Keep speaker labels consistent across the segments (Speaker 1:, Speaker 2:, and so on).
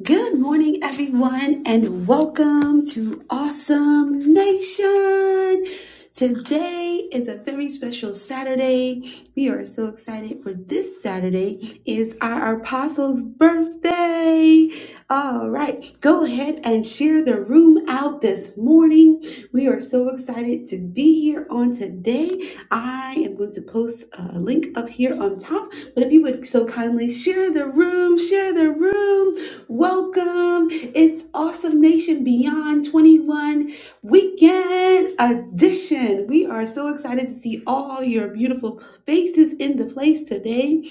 Speaker 1: Good morning, everyone, and welcome to Awesome Nation. Today is a very special Saturday. We are so excited for this Saturday is our apostle's birthday. All right, go ahead and share the room out this morning. We are so excited to be here on today. I am going to post a link up here on top, but if you would so kindly share the room, share the room Welcome. It's Awesome Nation Beyond 21 Weekend Edition. We are so excited to see all your beautiful faces in the place today.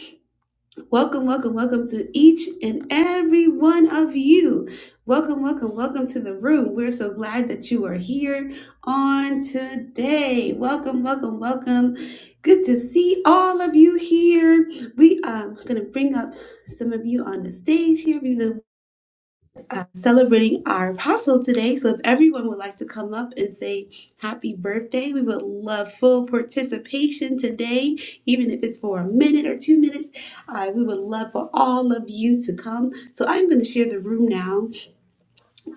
Speaker 1: Welcome, welcome, welcome to each and every one of you. Welcome, welcome, welcome to the room. We're so glad that you are here on today. Welcome, welcome, welcome. Good to see all of you here. We um, going to bring up some of you on the stage here celebrating our apostle today. So if everyone would like to come up and say happy birthday, we would love full participation today, even if it's for a minute or two minutes. Uh, we would love for all of you to come. So I'm going to share the room now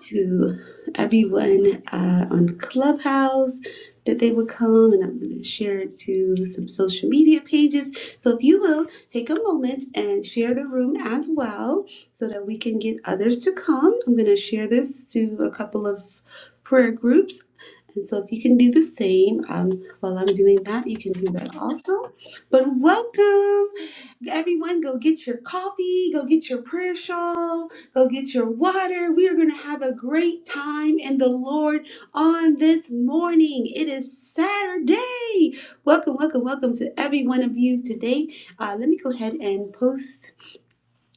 Speaker 1: to everyone uh, on Clubhouse that they would come, and I'm going to share it to some social media pages. So if you will take a moment and share the room as well, so that we can get others to come. I'm going to share this to a couple of prayer groups. And so, if you can do the same um, while I'm doing that, you can do that also. But welcome, everyone. Go get your coffee, go get your prayer shawl, Go get your water. We are going to have a great time in the Lord on this morning. It is Saturday. Welcome, welcome, welcome to every one of you today. Uh, let me go ahead and post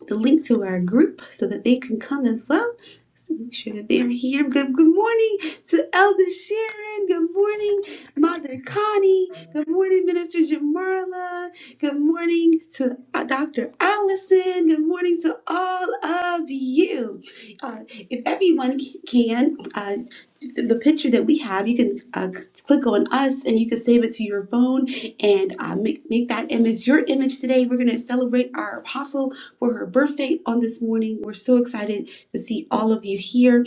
Speaker 1: the link to our group so that they can come as well. So make sure that they are here. Good, good morning to Elder Sharon. Good morning, Mother Connie. Good morning, Minister Jamarla. Good morning to uh, Dr. Allison. Good morning to all of you. Uh, if everyone c- can, uh, the the picture that we have, you can uh, c- click on us and you can save it to your phone and uh, make, make that image your image today. We're going to celebrate our apostle for her birthday on this morning. We're so excited to see all of you here.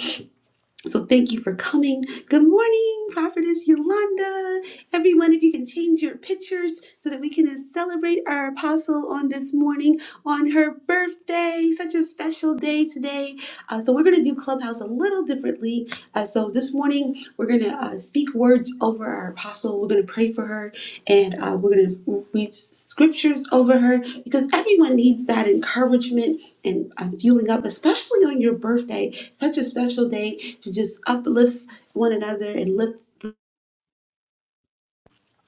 Speaker 1: So thank you for coming. Good morning, Prophetess Yolanda. Everyone, if you can change your pictures so that we can celebrate our apostle on this morning on her birthday. Such a special day today. Uh, so we're going to do Clubhouse a little differently. Uh, so this morning, we're going to uh, speak words over our apostle. We're going to pray for her and uh, we're going to read scriptures over her because everyone needs that encouragement and I'm fueling up, especially on your birthday, such a special day to just uplift one another and lift.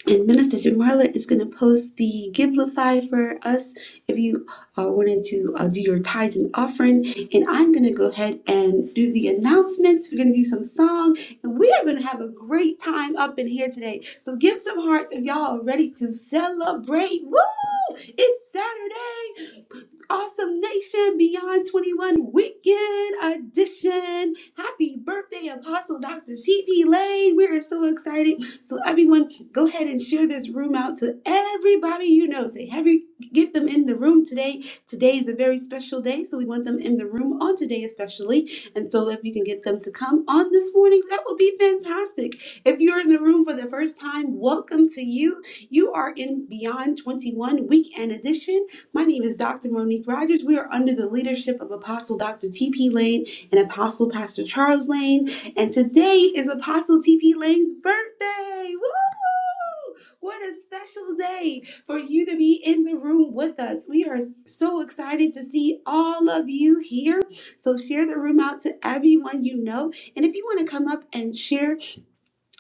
Speaker 1: And Minister Jamarla is going to post the Giblify for us if you uh, wanted to uh, do your tithes and offering. And I'm going to go ahead and do the announcements. We're going to do some song, and we are going to have a great time up in here today. So give some hearts if y'all are ready to celebrate. Woo! It's Saturday. Awesome Nation Beyond 21 Weekend Edition. Happy birthday, Apostle Dr. T.P. Lane. We are so excited. So, everyone, go ahead and share this room out to everybody you know. Say, have you get them in the room today? Today is a very special day, so we want them in the room on today, especially. And so, if you can get them to come on this morning, that will be fantastic. If you're in the room for the first time, welcome to you. You are in Beyond 21 Weekend Edition. My name is Dr. Monique Rogers. We are under the leadership of Apostle Dr. T.P. Lane and Apostle Pastor Charles Lane. And today is Apostle T.P. Lane's birthday. Woo! What a special day for you to be in the room with us. We are so excited to see all of you here. So share the room out to everyone you know. And if you want to come up and share,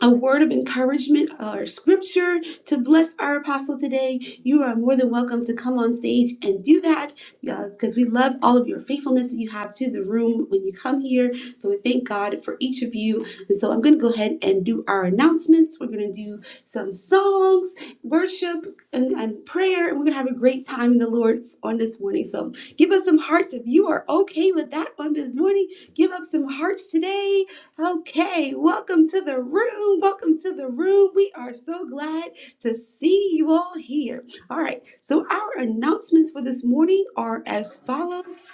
Speaker 1: a word of encouragement or scripture to bless our apostle today, you are more than welcome to come on stage and do that because we love all of your faithfulness that you have to the room when you come here. So we thank God for each of you. And so I'm going to go ahead and do our announcements. We're going to do some songs, worship, and, and prayer. And we're going to have a great time in the Lord on this morning. So give us some hearts if you are okay with that on this morning. Give up some hearts today Okay, welcome to the room. Welcome to the room. We are so glad to see you all here. All right, so our announcements for this morning are as follows.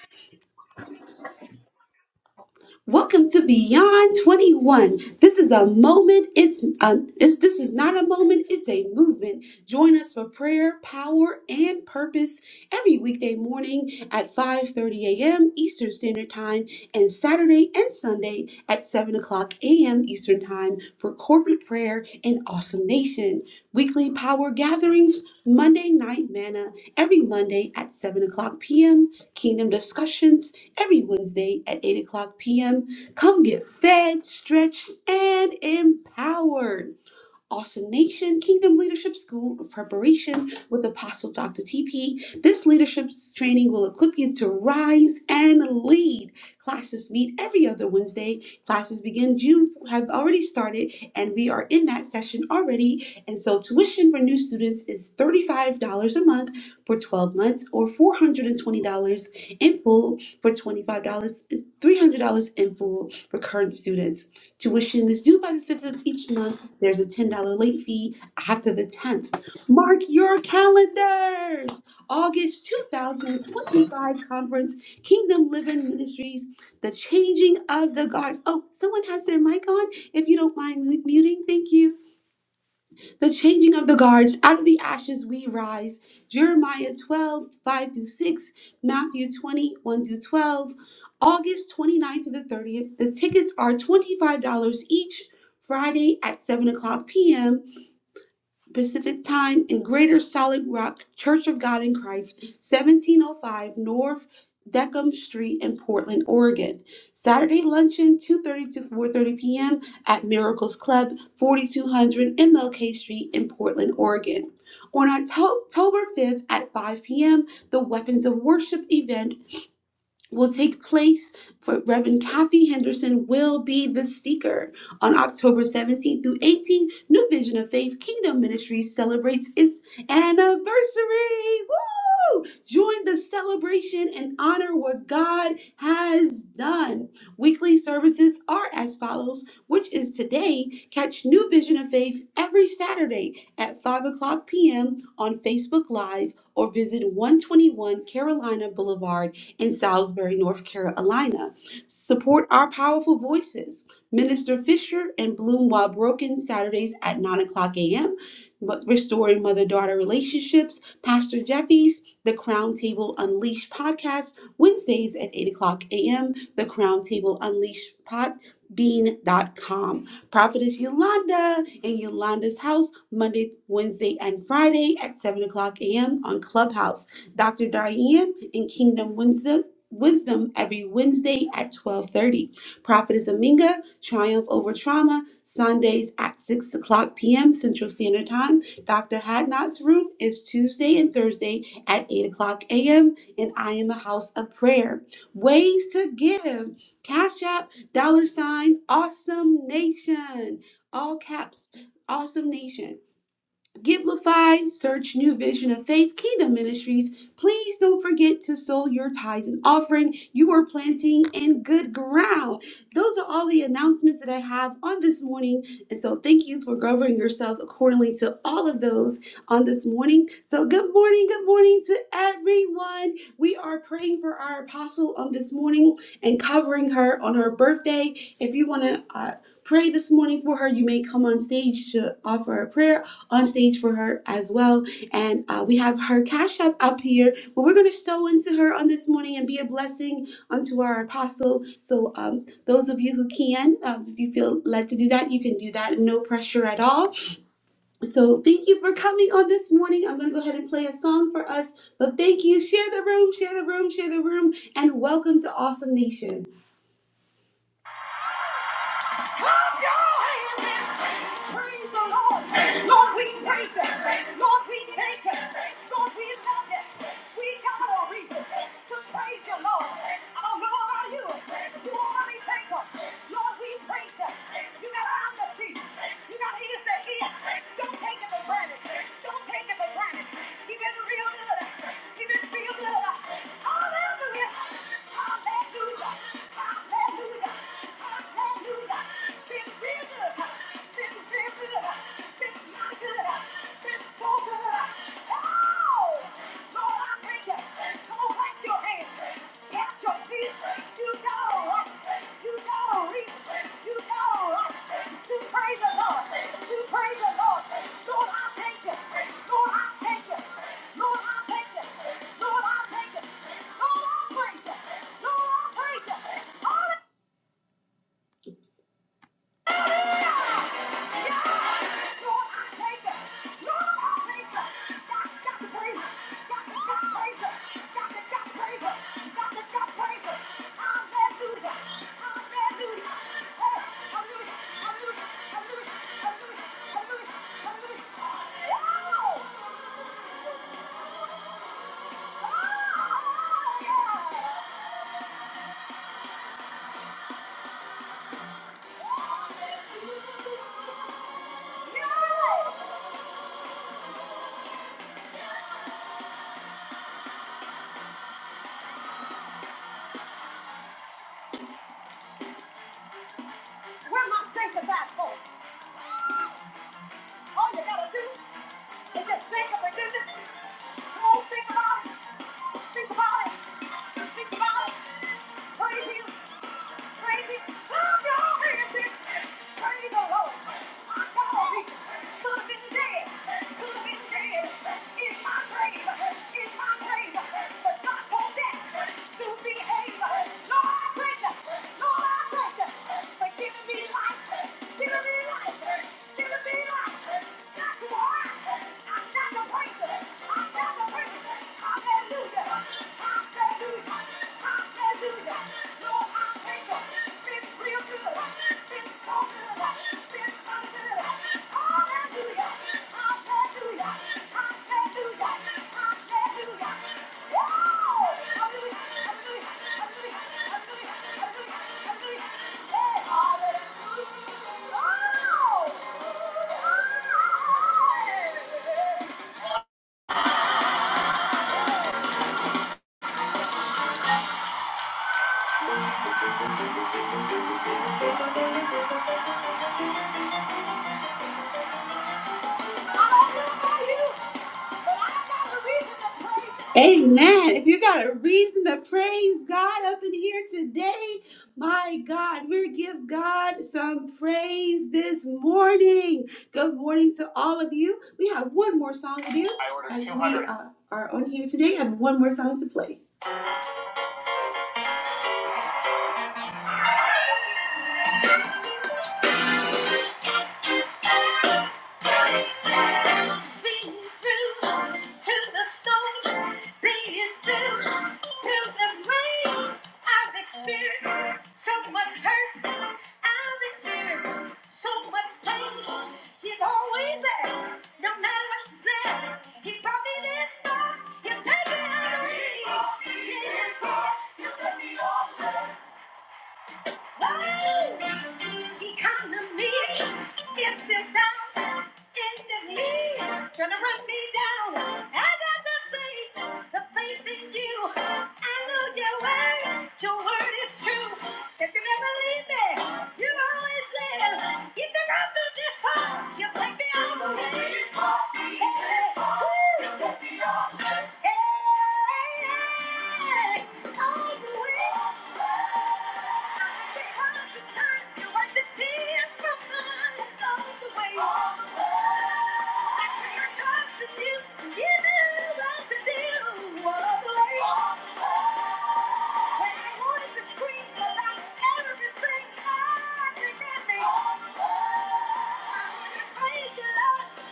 Speaker 1: Welcome to Beyond 21. This is a moment. It's, a, it's this is not a moment. It's a movement. Join us for prayer, power, and purpose every weekday morning at 5:30 a.m. Eastern Standard Time, and Saturday and Sunday at 7 o'clock a.m. Eastern Time for corporate prayer in Awesome Nation. Weekly power gatherings, Monday night manna every Monday at 7 o'clock p.m. Kingdom discussions every Wednesday at 8 o'clock p.m. Come get fed, stretched, and empowered. Awesome Nation Kingdom Leadership School of Preparation with Apostle Dr. TP. This leadership training will equip you to rise and lead. Classes meet every other Wednesday. Classes begin June have already started and we are in that session already. And so tuition for new students is $35 a month for 12 months or $420 in full for $25 $300 in full for current students. Tuition is due by the 5th of each month there's a $10 late fee after the 10th. Mark your calendars. August 2025 conference, Kingdom Living Ministries, the changing of the guards. Oh, someone has their mic on. If you don't mind mu- muting, thank you. The changing of the guards. Out of the ashes we rise. Jeremiah 12 5 through 6, Matthew twenty one 1 through 12. August twenty ninth through the 30th. The tickets are $25 each. Friday at 7 o'clock p.m. Pacific Time in Greater Solid Rock Church of God in Christ, 1705 North Deckham Street in Portland, Oregon. Saturday luncheon, 2.30 to 4.30 p.m. at Miracles Club, 4200 MLK Street in Portland, Oregon. On Octo- October 5th at 5 p.m., the Weapons of Worship event will take place for Reverend Kathy Henderson will be the speaker on October 17th through 18th. New Vision of Faith Kingdom Ministries celebrates its anniversary. Woo! Join the celebration and honor what God has done. Weekly services are as follows, which is today. Catch New Vision of Faith every Saturday at 5 o'clock p.m. on Facebook Live or visit 121 Carolina Boulevard in Salisbury, North Carolina. Support our powerful voices. Minister Fisher and Bloom while broken Saturdays at 9 o'clock a.m. Mo- Restoring Mother Daughter Relationships. Pastor Jeffy's The Crown Table Unleashed podcast, Wednesdays at 8 o'clock a.m. The Crown Table Unleashed podbean dot com. Prophetess Yolanda in Yolanda's house Monday, Wednesday, and Friday at 7 o'clock a.m. on Clubhouse. Dr. Diane and Kingdom Wisdom. Wisdom every Wednesday at 12:30. Prophetess Aminga, Triumph Over Trauma, Sundays at 6 o'clock p.m. Central Standard Time. Dr. Hadnot's room is Tuesday and Thursday at 8 o'clock a.m. And I am a house of prayer. Ways to give. Cash App, dollar sign, awesome nation. All caps, awesome nation. Giblify, search New Vision of Faith Kingdom Ministries. Please don't forget to sow your tithes and offering. You are planting in good ground. Those are all the announcements that I have on this morning. And so thank you for governing yourself accordingly to all of those on this morning. So good morning, good morning to everyone. We are praying for our apostle on this morning and covering her on her birthday. If you want to uh, pray this morning for her, you may come on stage to offer a prayer on stage for her as well. And uh, we have her Cash App up here, but we're going to sow into her on this morning and be a blessing unto our apostle. So, um, those of you who can, um, if you feel led to do that, you can do that. No pressure at all. So, thank you for coming on this morning. I'm going to go ahead and play a song for us, but thank you. Share the room, share the room, share the room, and welcome to Awesome Nation. Clap your hands and praise the Lord. Lord, we praise you. Lord, we thank you. Lord, we love you. We got a reason to praise you, Lord. I don't know about you. You already thank you. Lord, we praise you. You got an eye to see. You got ears to hear. Don't take it for granted. Don't take it for granted. He been real good. He been real good. Hallelujah. Hallelujah. Hallelujah. Hallelujah. Oops. Where am I my that for? All you gotta do is just think of forgiveness. Come on, think about it. Think about it. Think about it. Praise Him. Praise Him. Love your hands in. Praise the Lord. My God, He could have been dead. Could have been dead. In my grave. In my grave. But God Hallelujah. Hallelujah. Lord, I thank you. It's real good. Oh! Amen. If you got a reason to praise God up in here today, my God, we give God some praise this morning. Good morning to all of you. We have one more song to do. I ordered as we 200. uh, are on here today, I have one more song to play. Being through, through the storm, being through, through the rain. I've experienced so much hurt. I've experienced so much pain. He's always there, no matter what's there. He brought me this far. He'll take me out of me. He brought me this far. He'll take me all the way. Oh, economy, it's the down enemy trying to run me down. I got the faith, the faith in you. I know your word, your word is true. Said you never leave me, you're always there. Even after this home, you take me all the way. Hey, woo, hey, all the way.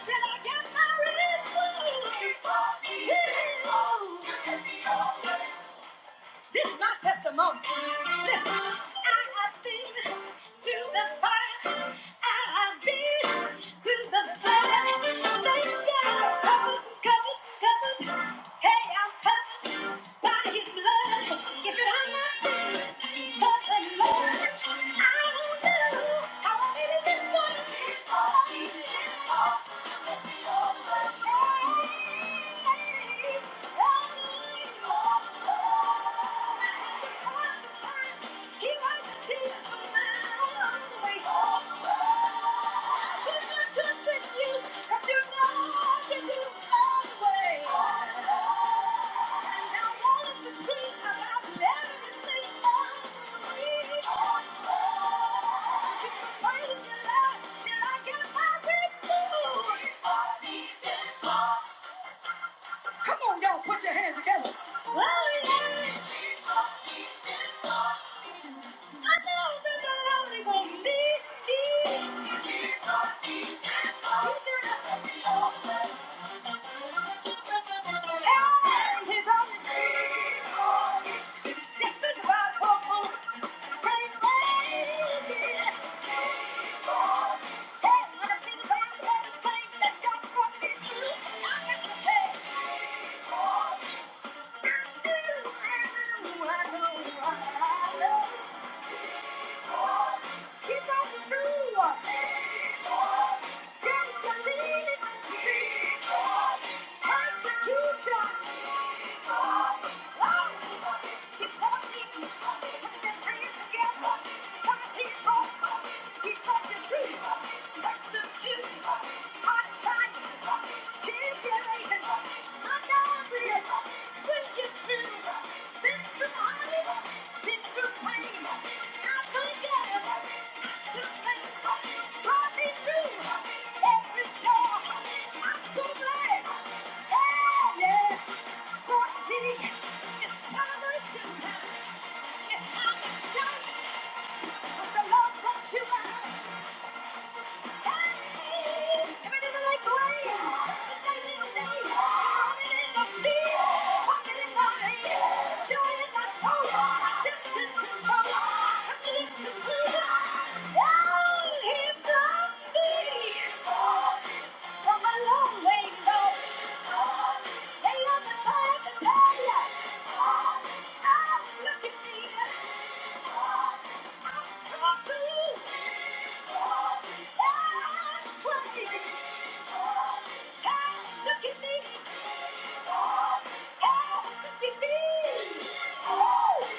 Speaker 1: Till I get my revenge. Keep on, keep on, you can be all. This is my testimony. Listen, I have been through the fire. I have been through the flood. They said I'm covered, covered, covered. Hey, I'm covered by His blood. If it had not been for the Lord, I don't know how I made it this far. Oh, oh, oh, oh, oh. Till I get my victory, I need it all. Come on, y'all, put your hands together. Hallelujah. I know somebody gonna need it. Hey, he's on it. Just think about it, folks. Pray for it. Hey, when I think about everything that God brought me through, I have to say. Persecution, hot science, it's celebration. It's time to shout. But the love brought you out. Look at me. I'm so beautiful. I'm so beautiful. Hey, look at me. Hey, look at me.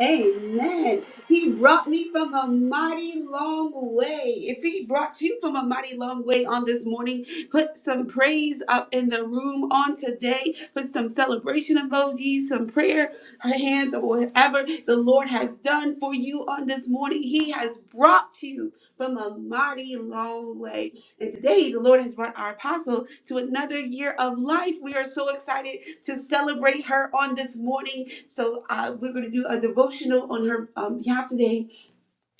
Speaker 1: Amen. He brought me from a mighty long way. If he brought you from a mighty long way on this morning, put some praise up in the room on today. Put some celebration emojis, some prayer hands, or whatever the Lord has done for you on this morning. He has brought you from a mighty long way. And today, the Lord has brought our apostle to another year of life. We are so excited to celebrate her on this morning. So, uh, we're going to do a devotional on her um, behalf today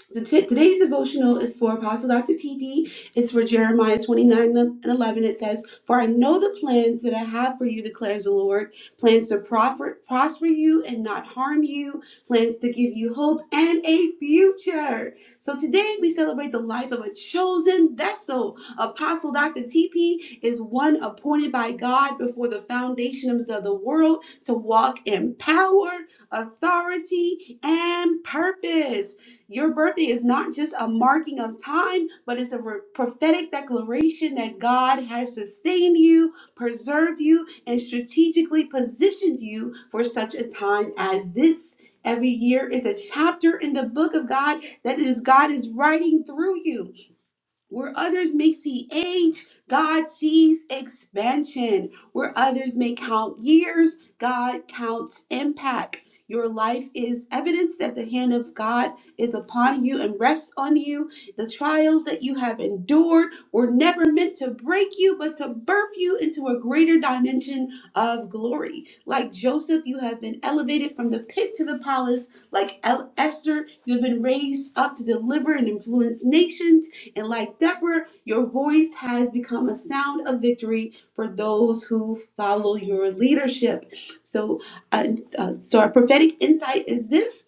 Speaker 1: the t- today's devotional is for Apostle Dr. TP. It's for Jeremiah 29 and 11. It says, For I know the plans that I have for you, declares the Lord plans to proffer, prosper you and not harm you, plans to give you hope and a future. So today we celebrate the life of a chosen vessel. Apostle Dr. TP is one appointed by God before the foundations of the world to walk in power, authority, and purpose. Your birthday is not just a marking of time, but it's a re- prophetic declaration that God has sustained you, preserved you, and strategically positioned you for such a time as this. Every year is a chapter in the book of God that is God is writing through you. Where others may see age, God sees expansion. Where others may count years, God counts impact. Your life is evidence that the hand of God is upon you and rests on you. The trials that you have endured were never meant to break you, but to birth you into a greater dimension of glory. Like Joseph, you have been elevated from the pit to the palace. Like El- Esther, you have been raised up to deliver and influence nations and like Deborah, your voice has become a sound of victory for those who follow your leadership. So, uh, uh, so our prophetic insight is this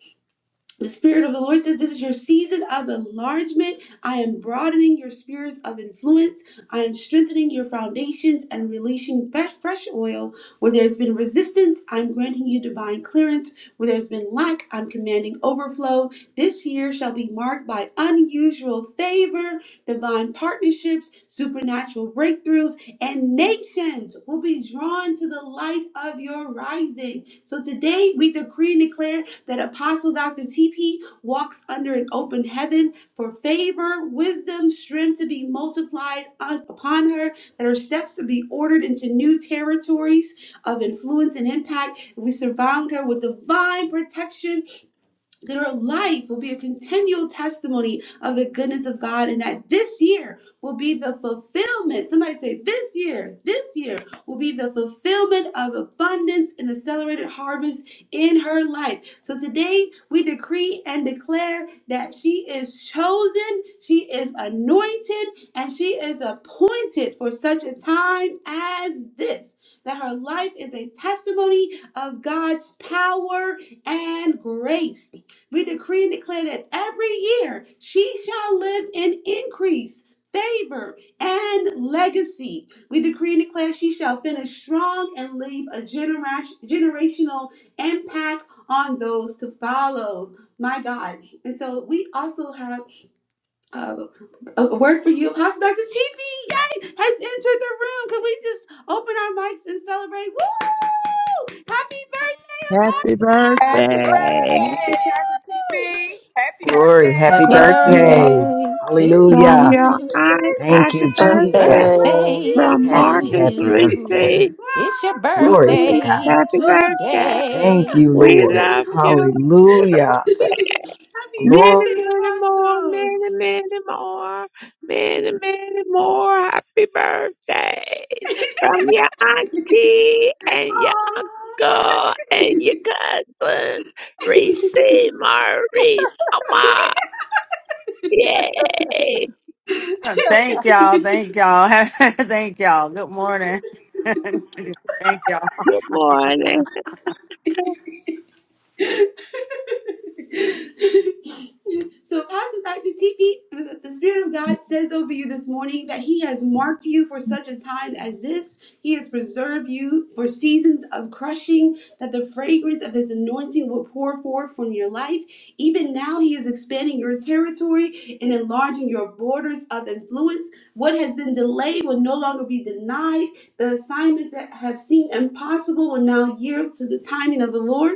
Speaker 1: the Spirit of the Lord says, This is your season of enlargement. I am broadening your spheres of influence. I am strengthening your foundations and releasing fresh fresh oil. Where there's been resistance, I'm granting you divine clearance. Where there's been lack, I'm commanding overflow. This year shall be marked by unusual favor, divine partnerships, supernatural breakthroughs, and nations will be drawn to the light of your rising. So today we decree and declare that Apostle Dr. TP walks under an open heaven for favor, wisdom, strength to be multiplied un- upon her, that her steps to be ordered into new territories of influence and impact. We surround her with divine protection that our life will be a continual testimony of the goodness of God and that this year will be the fulfillment. Somebody say, This year, this year will be the fulfillment of abundance and accelerated harvest in her life. So today we decree and declare that she is chosen, she is anointed, and she is appointed for such a time as this. That her life is a testimony of God's power and grace we decree and declare that every year she shall live in increase, favor, and legacy. We decree and declare she shall finish strong and leave a generas- generational impact on those to follow. My God. And so we also have uh, a a word for you. Apostle Dr. TP, yay, has entered the room. Can we just open our mics and celebrate? Woo! Happy
Speaker 2: Happy
Speaker 1: birthday,
Speaker 2: birthday.
Speaker 3: Happy
Speaker 1: Apostle!
Speaker 3: birthday, Dr.
Speaker 1: Woo!
Speaker 3: TP. Happy
Speaker 4: Glory. Happy
Speaker 5: Happy
Speaker 3: birthday.
Speaker 2: Happy birthday
Speaker 4: birthday.
Speaker 5: birthday to
Speaker 2: from
Speaker 4: Hallelujah.
Speaker 2: your
Speaker 1: Happy
Speaker 2: I,
Speaker 5: you.
Speaker 4: Thank
Speaker 2: happy
Speaker 4: you,
Speaker 1: birthday! We
Speaker 2: birthday.
Speaker 4: Jesus.
Speaker 1: love
Speaker 6: birthday.
Speaker 1: you!
Speaker 5: Birthday
Speaker 2: From
Speaker 5: to
Speaker 4: Happy,
Speaker 2: Marcus
Speaker 4: happy
Speaker 5: you.
Speaker 2: Reese.
Speaker 4: birthday.
Speaker 5: It's
Speaker 1: Wow,
Speaker 5: your
Speaker 1: happy
Speaker 4: Glory to
Speaker 2: Marie,
Speaker 1: birthday!
Speaker 4: God.
Speaker 5: birthday
Speaker 2: happy
Speaker 1: Woo!
Speaker 2: birthday.
Speaker 4: Thank you,
Speaker 5: today.
Speaker 2: We
Speaker 4: Lord.
Speaker 2: love you.
Speaker 4: Hallelujah.
Speaker 1: happy
Speaker 2: Many,
Speaker 4: Glory.
Speaker 1: birthday,
Speaker 2: many more,
Speaker 1: Apostle!
Speaker 2: many, many more, many, many more. Happy birthday. From your auntie and your girl and your cousin. Reese, Marie, Mama. Yay.
Speaker 7: Thank y'all.
Speaker 1: Aw.
Speaker 7: Thank y'all. thank y'all. Good morning. thank y'all.
Speaker 2: Good morning.
Speaker 1: so, Pastor Dr. TP, the Spirit of God says over you this morning that He has marked you for such a time as this. He has preserved you for seasons of crushing, that the fragrance of His anointing will pour forth from your life. Even now, He is expanding your territory and enlarging your borders of influence. What has been delayed will no longer be denied. The assignments that have seemed impossible will now yield to the timing of the Lord.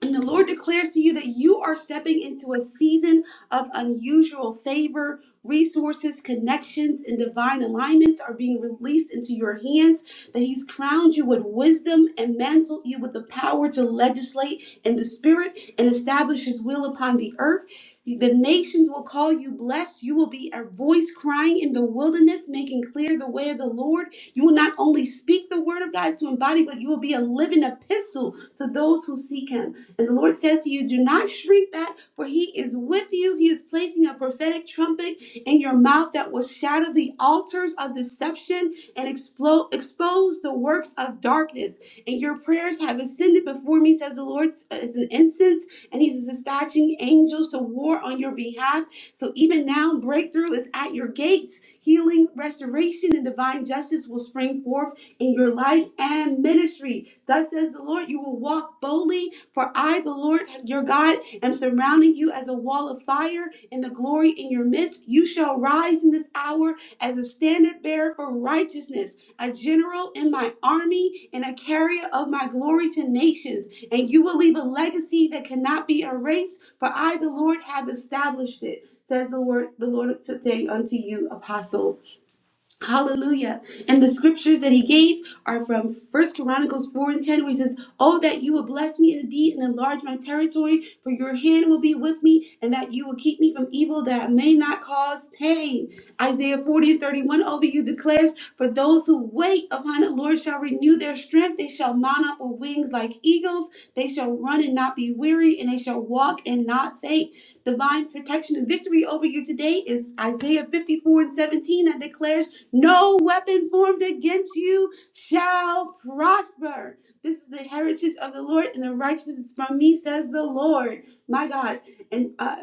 Speaker 1: And the Lord declares to you that you are stepping into a season of unusual favor. Resources, connections, and divine alignments are being released into your hands. That He's crowned you with wisdom and mantled you with the power to legislate in the spirit and establish His will upon the earth. The nations will call you blessed. You will be a voice crying in the wilderness, making clear the way of the Lord. You will not only speak the word of God to embody, but you will be a living epistle to those who seek Him. And the Lord says to you, do not shrink back, for he is with you. He is placing a prophetic trumpet in your mouth that will shatter the altars of deception and explode, expose the works of darkness. And your prayers have ascended before me, says the Lord, as an incense, and he's dispatching angels to war on your behalf. So even now, breakthrough is at your gates. Healing, restoration, and divine justice will spring forth in your life and ministry. Thus says the Lord, you will walk boldly, for I, the Lord your God, am surrounding you as a wall of fire and the glory in your midst. You shall rise in this hour as a standard bearer for righteousness, a general in my army, and a carrier of my glory to nations. And you will leave a legacy that cannot be erased, for I, the Lord, have established it. Says the word, the Lord today unto you, apostle. Hallelujah. And the scriptures that he gave are from First Chronicles 4 and 10, where he says, Oh, that you would bless me indeed and enlarge my territory, for your hand will be with me, and that you will keep me from evil that I may not cause pain. Isaiah 40 and 31 over you declares, For those who wait upon the Lord shall renew their strength, they shall mount up with wings like eagles, they shall run and not be weary, and they shall walk and not faint divine protection and victory over you today is Isaiah 54 and 17 that declares no weapon formed against you shall prosper. This is the heritage of the Lord and the righteousness from me, says the Lord. My God. And uh,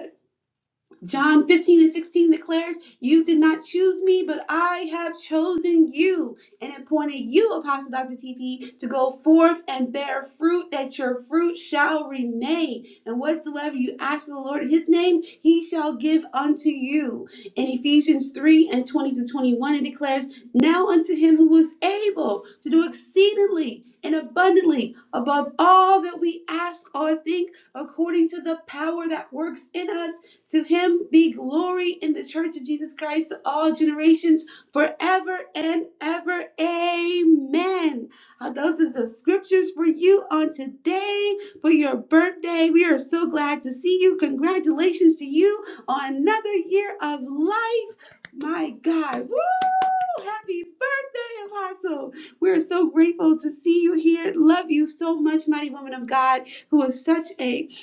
Speaker 1: John 15 and 16 declares, You did not choose me, but I have chosen you and appointed you, Apostle Dr. TP, to go forth and bear fruit, that your fruit shall remain. And whatsoever you ask of the Lord in his name, he shall give unto you. In Ephesians 3 and 20 to 21, it declares, Now unto him who is able to do exceedingly and abundantly above all that we ask or think, according to the power that works in us to him be glory in the church of Jesus Christ to all generations forever and ever. Amen. Uh, Those are the scriptures for you on today for your birthday. We are so glad to see you. Congratulations to you on another year of life. My God. Woo! Happy birthday, Apostle. We're so grateful to see you here. Love you so much, mighty woman of God, who is such a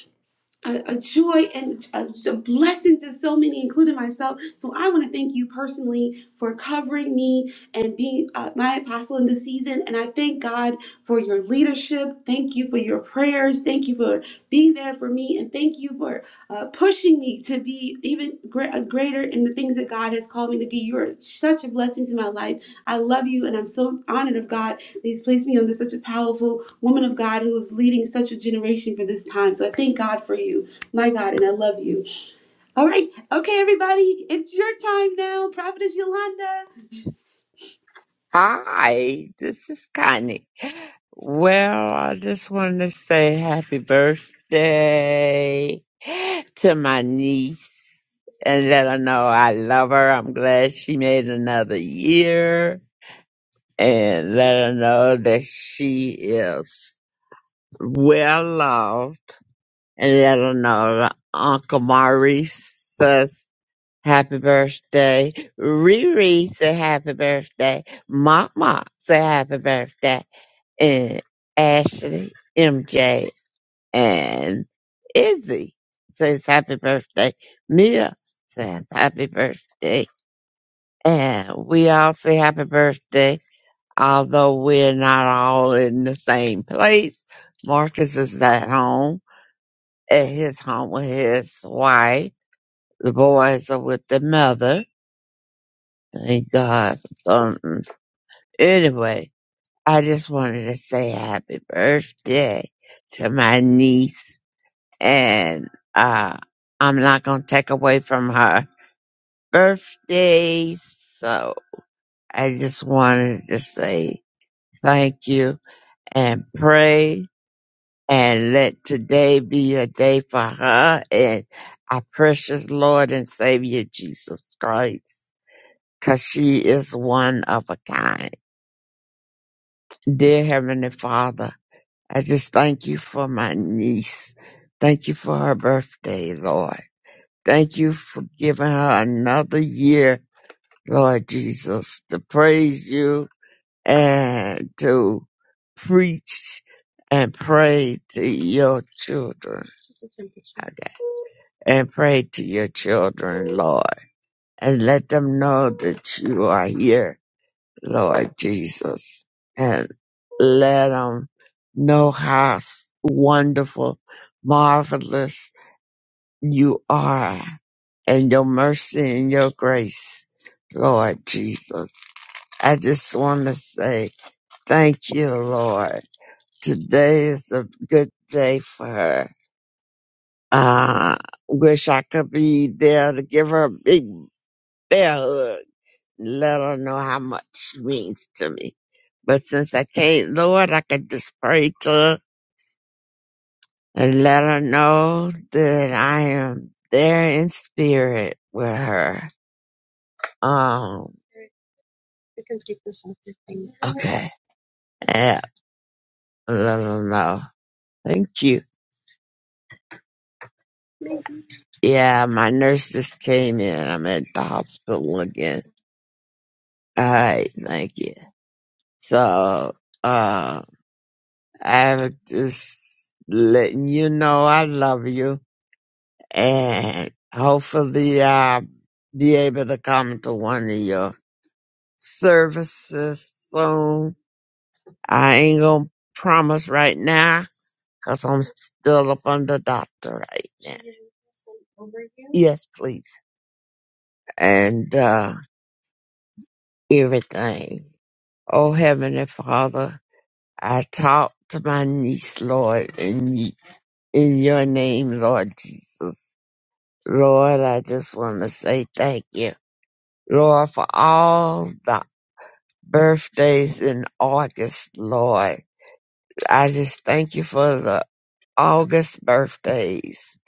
Speaker 1: a, a joy and a, a blessing to so many, including myself. So I want to thank you personally for covering me and being uh, my apostle in this season. And I thank God for your leadership. Thank you for your prayers. Thank you for being there for me, and thank you for uh, pushing me to be even gre- uh, greater in the things that God has called me to be. You are such a blessing to my life. I love you, and I'm so honored of God He's placed me under such a powerful woman of God who is leading such a generation for this time. So I thank God for you, my God, and I love you. All right. Okay, everybody, it's your time now. Prophetess Yolanda.
Speaker 2: Hi, this is Connie. Well, I just wanted to say happy birthday to my niece and let her know I love her. I'm glad she made another year and let her know that she is well loved and let her know that Uncle Maurice Happy birthday. Riri say happy birthday. Mama say happy birthday. And Ashley, MJ, and Izzy says happy birthday. Mia says happy birthday. And we all say happy birthday, although we're not all in the same place. Marcus is at home, at his home with his wife. The boys are with the mother Thank God for something. Anyway, I just wanted to say happy birthday to my niece. And uh, I'm not going to take away from her birthday. So I just wanted to say thank you and pray and let today be a day for her and our precious Lord and Savior Jesus Christ. Because she is one of a kind. Dear Heavenly Father, I just thank you for my niece. Thank you for her birthday, Lord. Thank you for giving her another year, Lord Jesus, to praise you and to preach and pray to your children. Okay. And pray to your children, Lord, and let them know that you are here Lord Jesus, and let them know how s- wonderful, marvelous you are, and your mercy and your grace, Lord Jesus. I just want to say thank you, Lord. Today is a good day for her. Uh, wish I could be there to give her a big bear hug let her know how much she means to me. But since I can't, Lord, I can just pray to her and let her know that I am there in spirit with her. Um, okay. Yeah, let her know. Thank you. Yeah, my nurse just came in. I'm at the hospital again. All right, thank you. So, uh, I'm just letting you know I love you and hopefully I'll be able to come to one of your services soon. I ain't gonna promise right now because I'm still up under doctor right now. Yes, please. And uh, everything. Oh, Heavenly Father, I talk to my niece, Lord, in, y- in your name, Lord Jesus. Lord, I just want to say thank you, Lord, for all the birthdays in August, Lord. I just thank you for the August birthdays.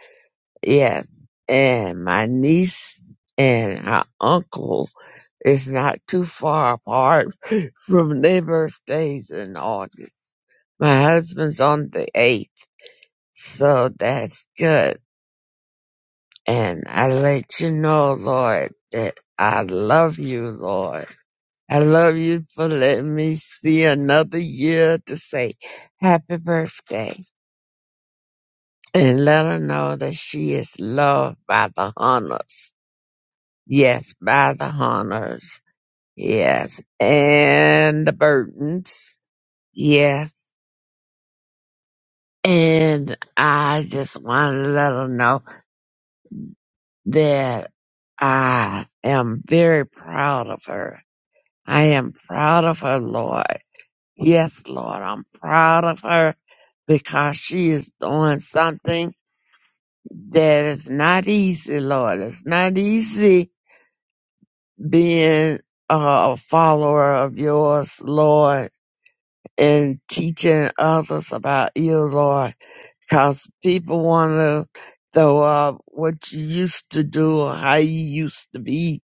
Speaker 2: Yes. And my niece and her uncle is not too far apart from their birthdays in August. My husband's on the 8th, so that's good. And I let you know, Lord, that I love you, Lord. I love you for letting me see another year to say happy birthday and let her know that she is loved by the Hunters. Yes, by the Hunters. Yes, and the Burtons. Yes, and I just want to let her know that I am very proud of her. I am proud of her, Lord. Yes, Lord, I'm proud of her because she is doing something that is not easy, Lord. It's not easy being a follower of yours, Lord, and teaching others about you, Lord, because people want to throw up what you used to do or how you used to be.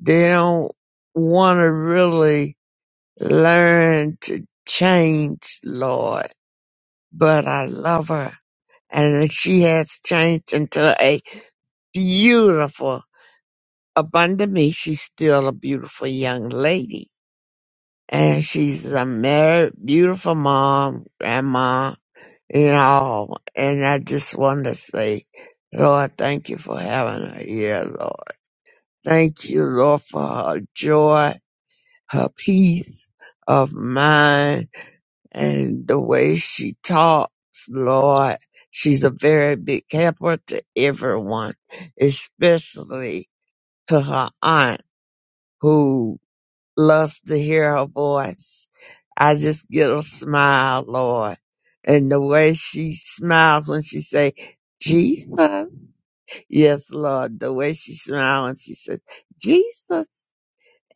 Speaker 2: They don't want to really learn to change, Lord. But I love her and she has changed into a beautiful. Abundant me, she's still a beautiful young lady, and she's a married, beautiful mom, grandma, and all. And I just want to say, Lord, thank you for having her here, Lord. Thank you, Lord, for her joy, her peace of mind and the way she talks, Lord, she's a very big helper to everyone, especially to her aunt who loves to hear her voice. I just get a smile, Lord, and the way she smiles when she say, Jesus. Yes, Lord, the way she smiles when she says, Jesus.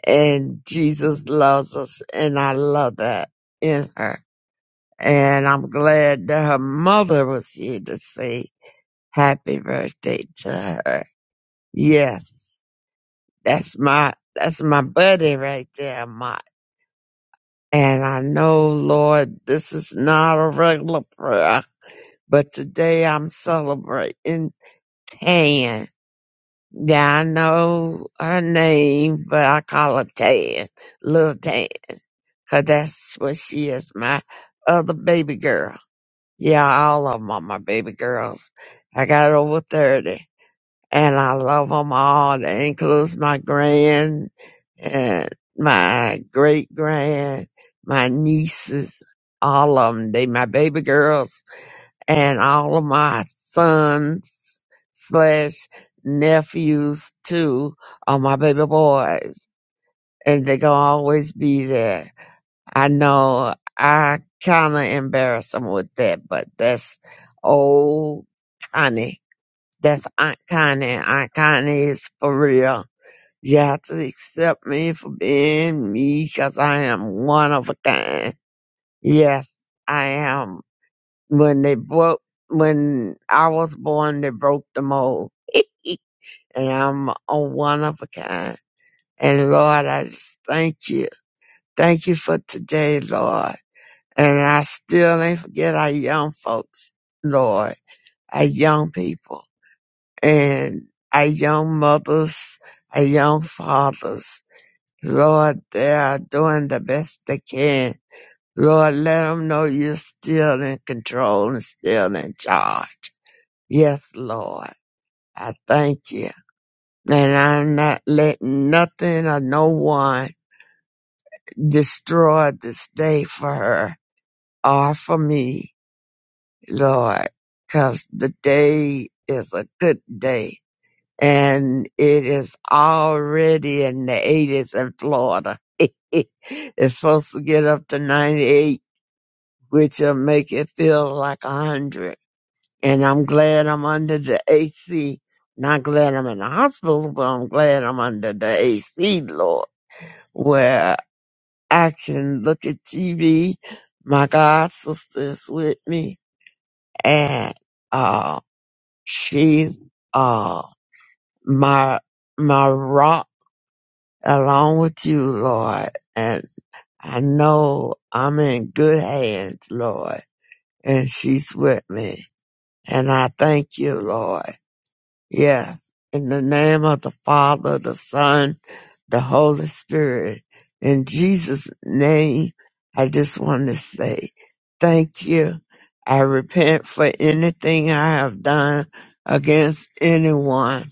Speaker 2: And Jesus loves us, and I love that in her and I'm glad that her mother was here to say happy birthday to her. Yes, that's my that's my buddy right there, my and I know, Lord, this is not a regular prayer, but today I'm celebrating Tan. Yeah, I know her name, but I call her Tan, little Tan, 'cause that's what she is, my other baby girl. Yeah, all of them are my baby girls. I got over 30 and I love them all. That includes my grand and my great grand, my nieces, all of them They my baby girls and all of my sons slash nephews too are my baby boys and they gonna always be there. I know I kind of embarrassed him with that, but that's old Connie. That's Aunt Connie. Aunt Connie is for real. You have to accept me for being me 'cause I am one of a kind. Yes, I am. When they broke, when I was born, they broke the mold. and I'm a one of a kind. And Lord, I just thank you. Thank you for today, Lord. And I still ain't forget our young folks, Lord, our young people and our young mothers, our young fathers. Lord, they are doing the best they can. Lord, let them know you're still in control and still in charge. Yes, Lord, I thank you. And I'm not letting nothing or no one destroy this day for her or for me. Lord, because the day is a good day and it is already in the 80s in Florida. it's supposed to get up to 98, which will make it feel like 100. And I'm glad I'm under the AC. Not glad I'm in the hospital, but I'm glad I'm under the AC, Lord, where I can look at TV. My God sister is with me and, um. She's uh my my rock along with you, Lord. And I know I'm in good hands, Lord. And she's with me. And I thank you, Lord. Yes. In the name of the Father, the Son, the Holy Spirit. In Jesus' name, I just want to say thank you. I repent for anything I have done against anyone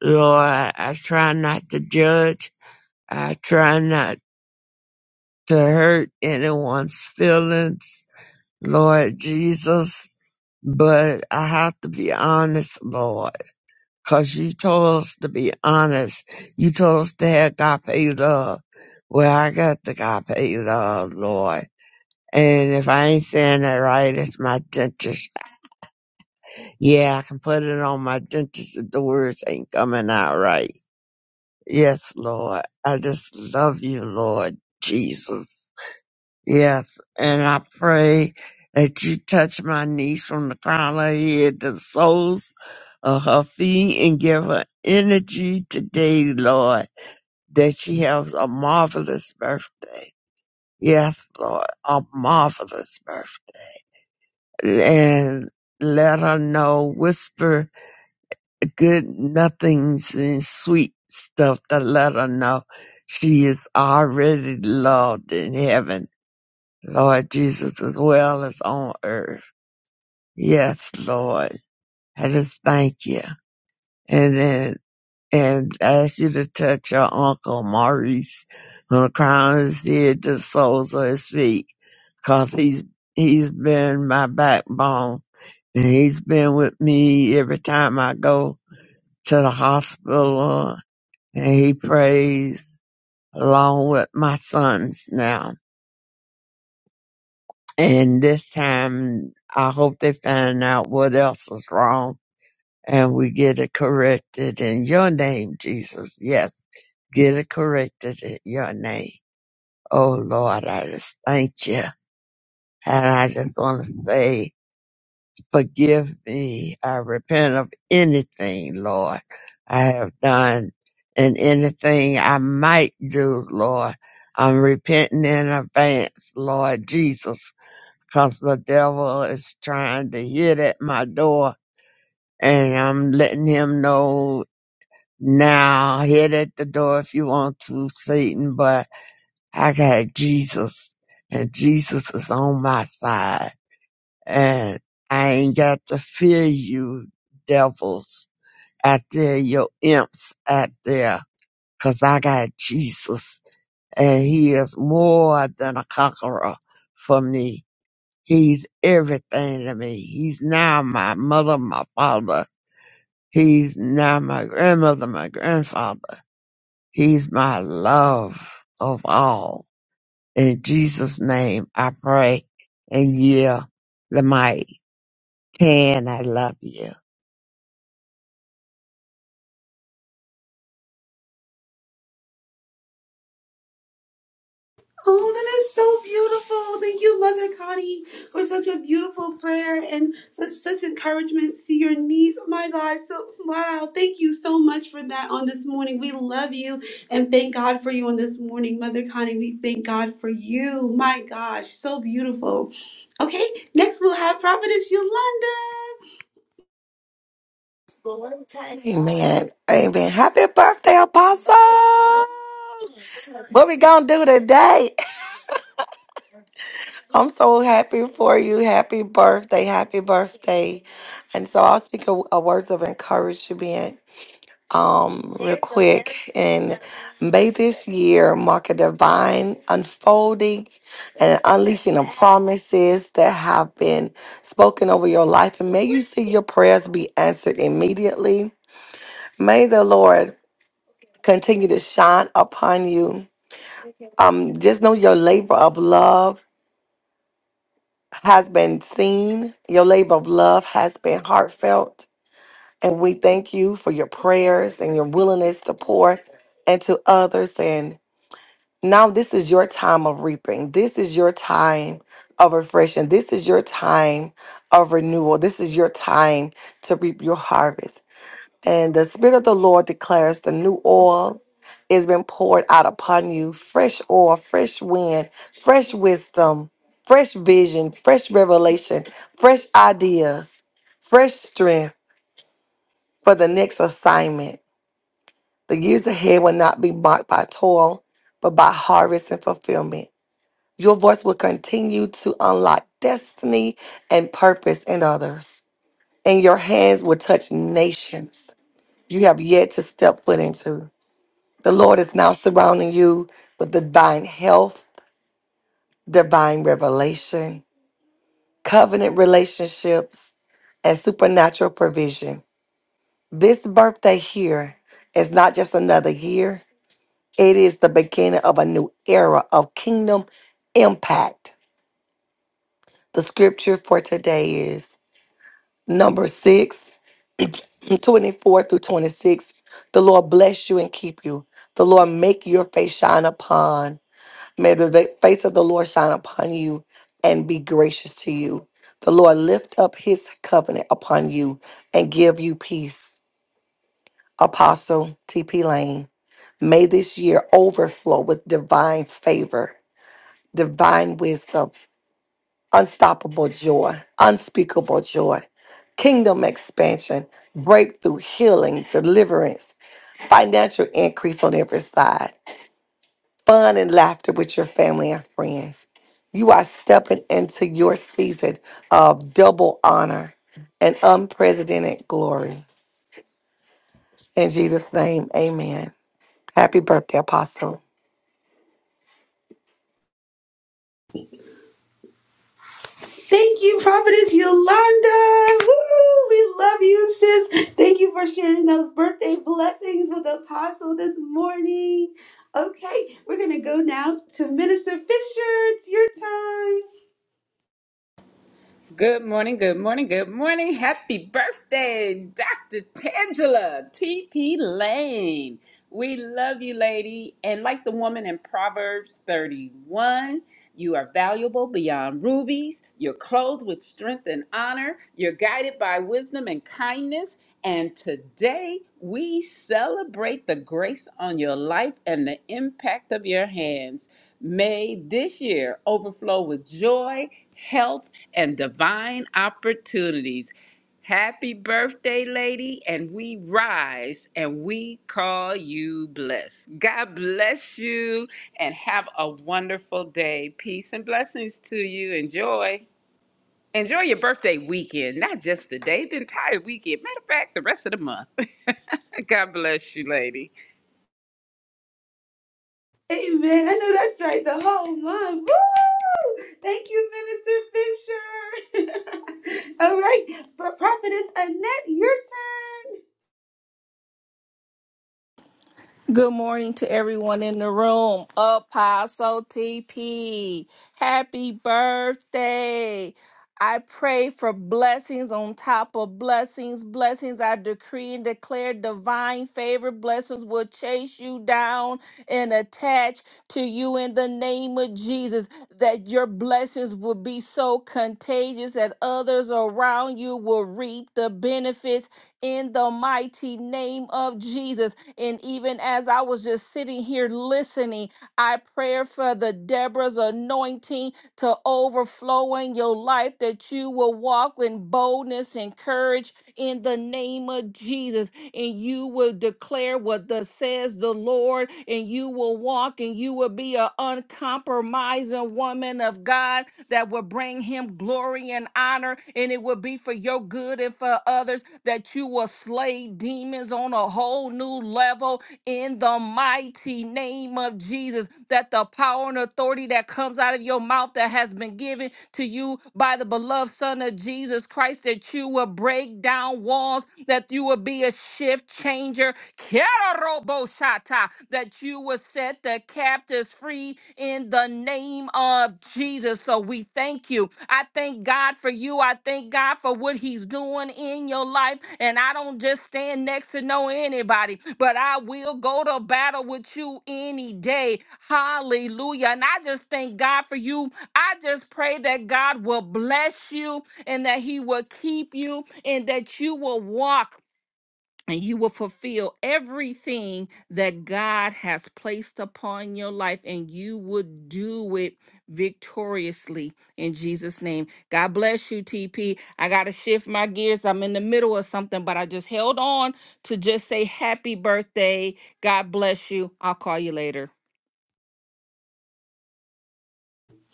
Speaker 2: Lord, I try not to judge. I try not to hurt anyone's feelings, Lord Jesus. But I have to be honest, Lord, because you told us to be honest. You told us to have agape love. Well, I got the agape love, Lord. And if I ain't saying that right, it's my dentist. Yeah, I can put it on my dentist if the words ain't coming out right. Yes, Lord. I just love you, Lord Jesus. Yes. And I pray that you touch my niece from the crown of her head to the soles of her feet and give her energy today, Lord, that she has a marvelous birthday. Yes, Lord, a marvelous birthday. And let her know, whisper good nothings and sweet stuff to let her know she is already loved in heaven, Lord Jesus, as well as on earth. Yes, Lord. I just thank you. And then, and ask you to touch your uncle Maurice on the crown of his head to the soles of his feet. Cause he's, he's been my backbone and he's been with me every time I go to the hospital And he prays along with my sons now. And this time, I hope they find out what else is wrong and we get it corrected in your name, Jesus. Yes, get it corrected in your name. Oh Lord, I just thank you. And I just want to say Forgive me. I repent of anything, Lord, I have done and anything I might do, Lord. I'm repenting in advance, Lord Jesus, because the devil is trying to hit at my door and I'm letting him know now, hit at the door if you want to, Satan, but I got Jesus and Jesus is on my side and I ain't got to fear you devils out there, your imps out there, 'cause I got Jesus and he is more than a conqueror for me. He's everything to me. He's now my mother, my father. He's now my grandmother, my grandfather. He's my love of all. In Jesus' name I pray and yeah, the mighty. Tan, I love you.
Speaker 1: Oh, that is so beautiful. Thank you, Mother Connie, for such a beautiful prayer and such, such encouragement to your niece. Oh my God, so wow. Thank you so much for that on this morning. We love you and thank God for you on this morning, Mother Connie. We thank God for you. My gosh, so beautiful. Okay, next we'll have Prophetess Yolanda.
Speaker 6: Amen. Amen. Happy birthday, Apostle. What we gonna do today? I'm so happy for you. Happy birthday. Happy birthday. And so I'll speak a, a words of encouragement um real quick and may this year mark a divine unfolding and unleashing of promises that have been spoken over your life and may you see your prayers be answered immediately May the Lord continue to shine upon you. Um, just know your labor of love has been seen, your labor of love has been heartfelt. And we thank you for your prayers and your willingness to pour into others. And now this is your time of reaping. This is your time of refreshing. This is your time of renewal. This is your time to reap your harvest. And the Spirit of the Lord declares the new oil is been poured out upon you fresh oil, fresh wind, fresh wisdom, fresh vision, fresh revelation, fresh ideas, fresh strength for the next assignment. The years ahead will not be marked by toil, but by harvest and fulfillment. Your voice will continue to unlock destiny and purpose in others, and your hands will touch nations you have yet to step foot into. The Lord is now surrounding you with divine health, divine revelation, covenant relationships, and supernatural provision. This birthday here is not just another year, it is the beginning of a new era of kingdom impact. The scripture for today is number 6, 24 through 26. The Lord bless you and keep you. The Lord make your face shine upon May the face of the Lord shine upon you and be gracious to you. The Lord lift up his covenant upon you and give you peace. Apostle T.P. Lane, may this year overflow with divine favor, divine wisdom, unstoppable joy, unspeakable joy, kingdom expansion, breakthrough, healing, deliverance, financial increase on every side. fun and laughter with your family and friends. You are stepping into your season of double honor and unprecedented glory. In Jesus' name, amen. Happy birthday, Apostle.
Speaker 1: Thank you, Prophetess Yolanda. Woo! We love you, sis. Thank you for sharing those birthday blessings with Apostle this morning. Okay, we're going to go now to Minister Fisher. It's your time.
Speaker 3: Good morning, good morning, good morning. Happy birthday, Dr. Tangela TP Lane. We love you, lady. And like the woman in Proverbs 31, you are valuable beyond rubies. You're clothed with strength and honor. You're guided by wisdom and kindness. And today we celebrate the grace on your life and the impact of your hands. May this year overflow with joy, health, and divine opportunities. Happy birthday, lady, and we rise and we call you blessed. God bless you and have a wonderful day. Peace and blessings to you. Enjoy. Enjoy your birthday weekend, not just the day, the entire weekend. Matter of fact, the rest of the month. God bless you, lady.
Speaker 1: Amen. I know that's right. The whole month. Woo! Thank you, Minister Fisher. All right, Pro- Prophetess Annette, your turn.
Speaker 5: Good morning to everyone in the room. Apostle TP, happy birthday. I pray for blessings on top of blessings. Blessings I decree and declare divine favor. Blessings will chase you down and attach to you in the name of Jesus. That your blessings will be so contagious that others around you will reap the benefits in the mighty name of Jesus and even as I was just sitting here listening, I pray for the Deborah's anointing to overflow in your life, that you will walk in boldness and courage in the name of Jesus and you will declare what the says the Lord, and you will walk and you will be an uncompromising woman of God that will bring him glory and honor, and it will be for your good and for others that you will slay demons on a whole new level in the mighty name of Jesus. That the power and authority that comes out of your mouth that has been given to you by the beloved Son of Jesus Christ, that you will break down walls, that you will be a shift changer Keroroboshata, that you will set the captives free in the name of Jesus. So we thank you. I thank God for you. I thank God for what He's doing in your life. And I don't just stand next to know anybody, but I will go to battle with you any day. Hallelujah. And I just thank God for you. I just pray that God will bless you and that He will keep you and that you will walk and you will fulfill everything that God has placed upon your life, and you would do it victoriously in Jesus' name. God bless you, TP. I got to shift my gears. I'm in the middle of something, but I just held on to just say happy birthday. God bless you. I'll call you later.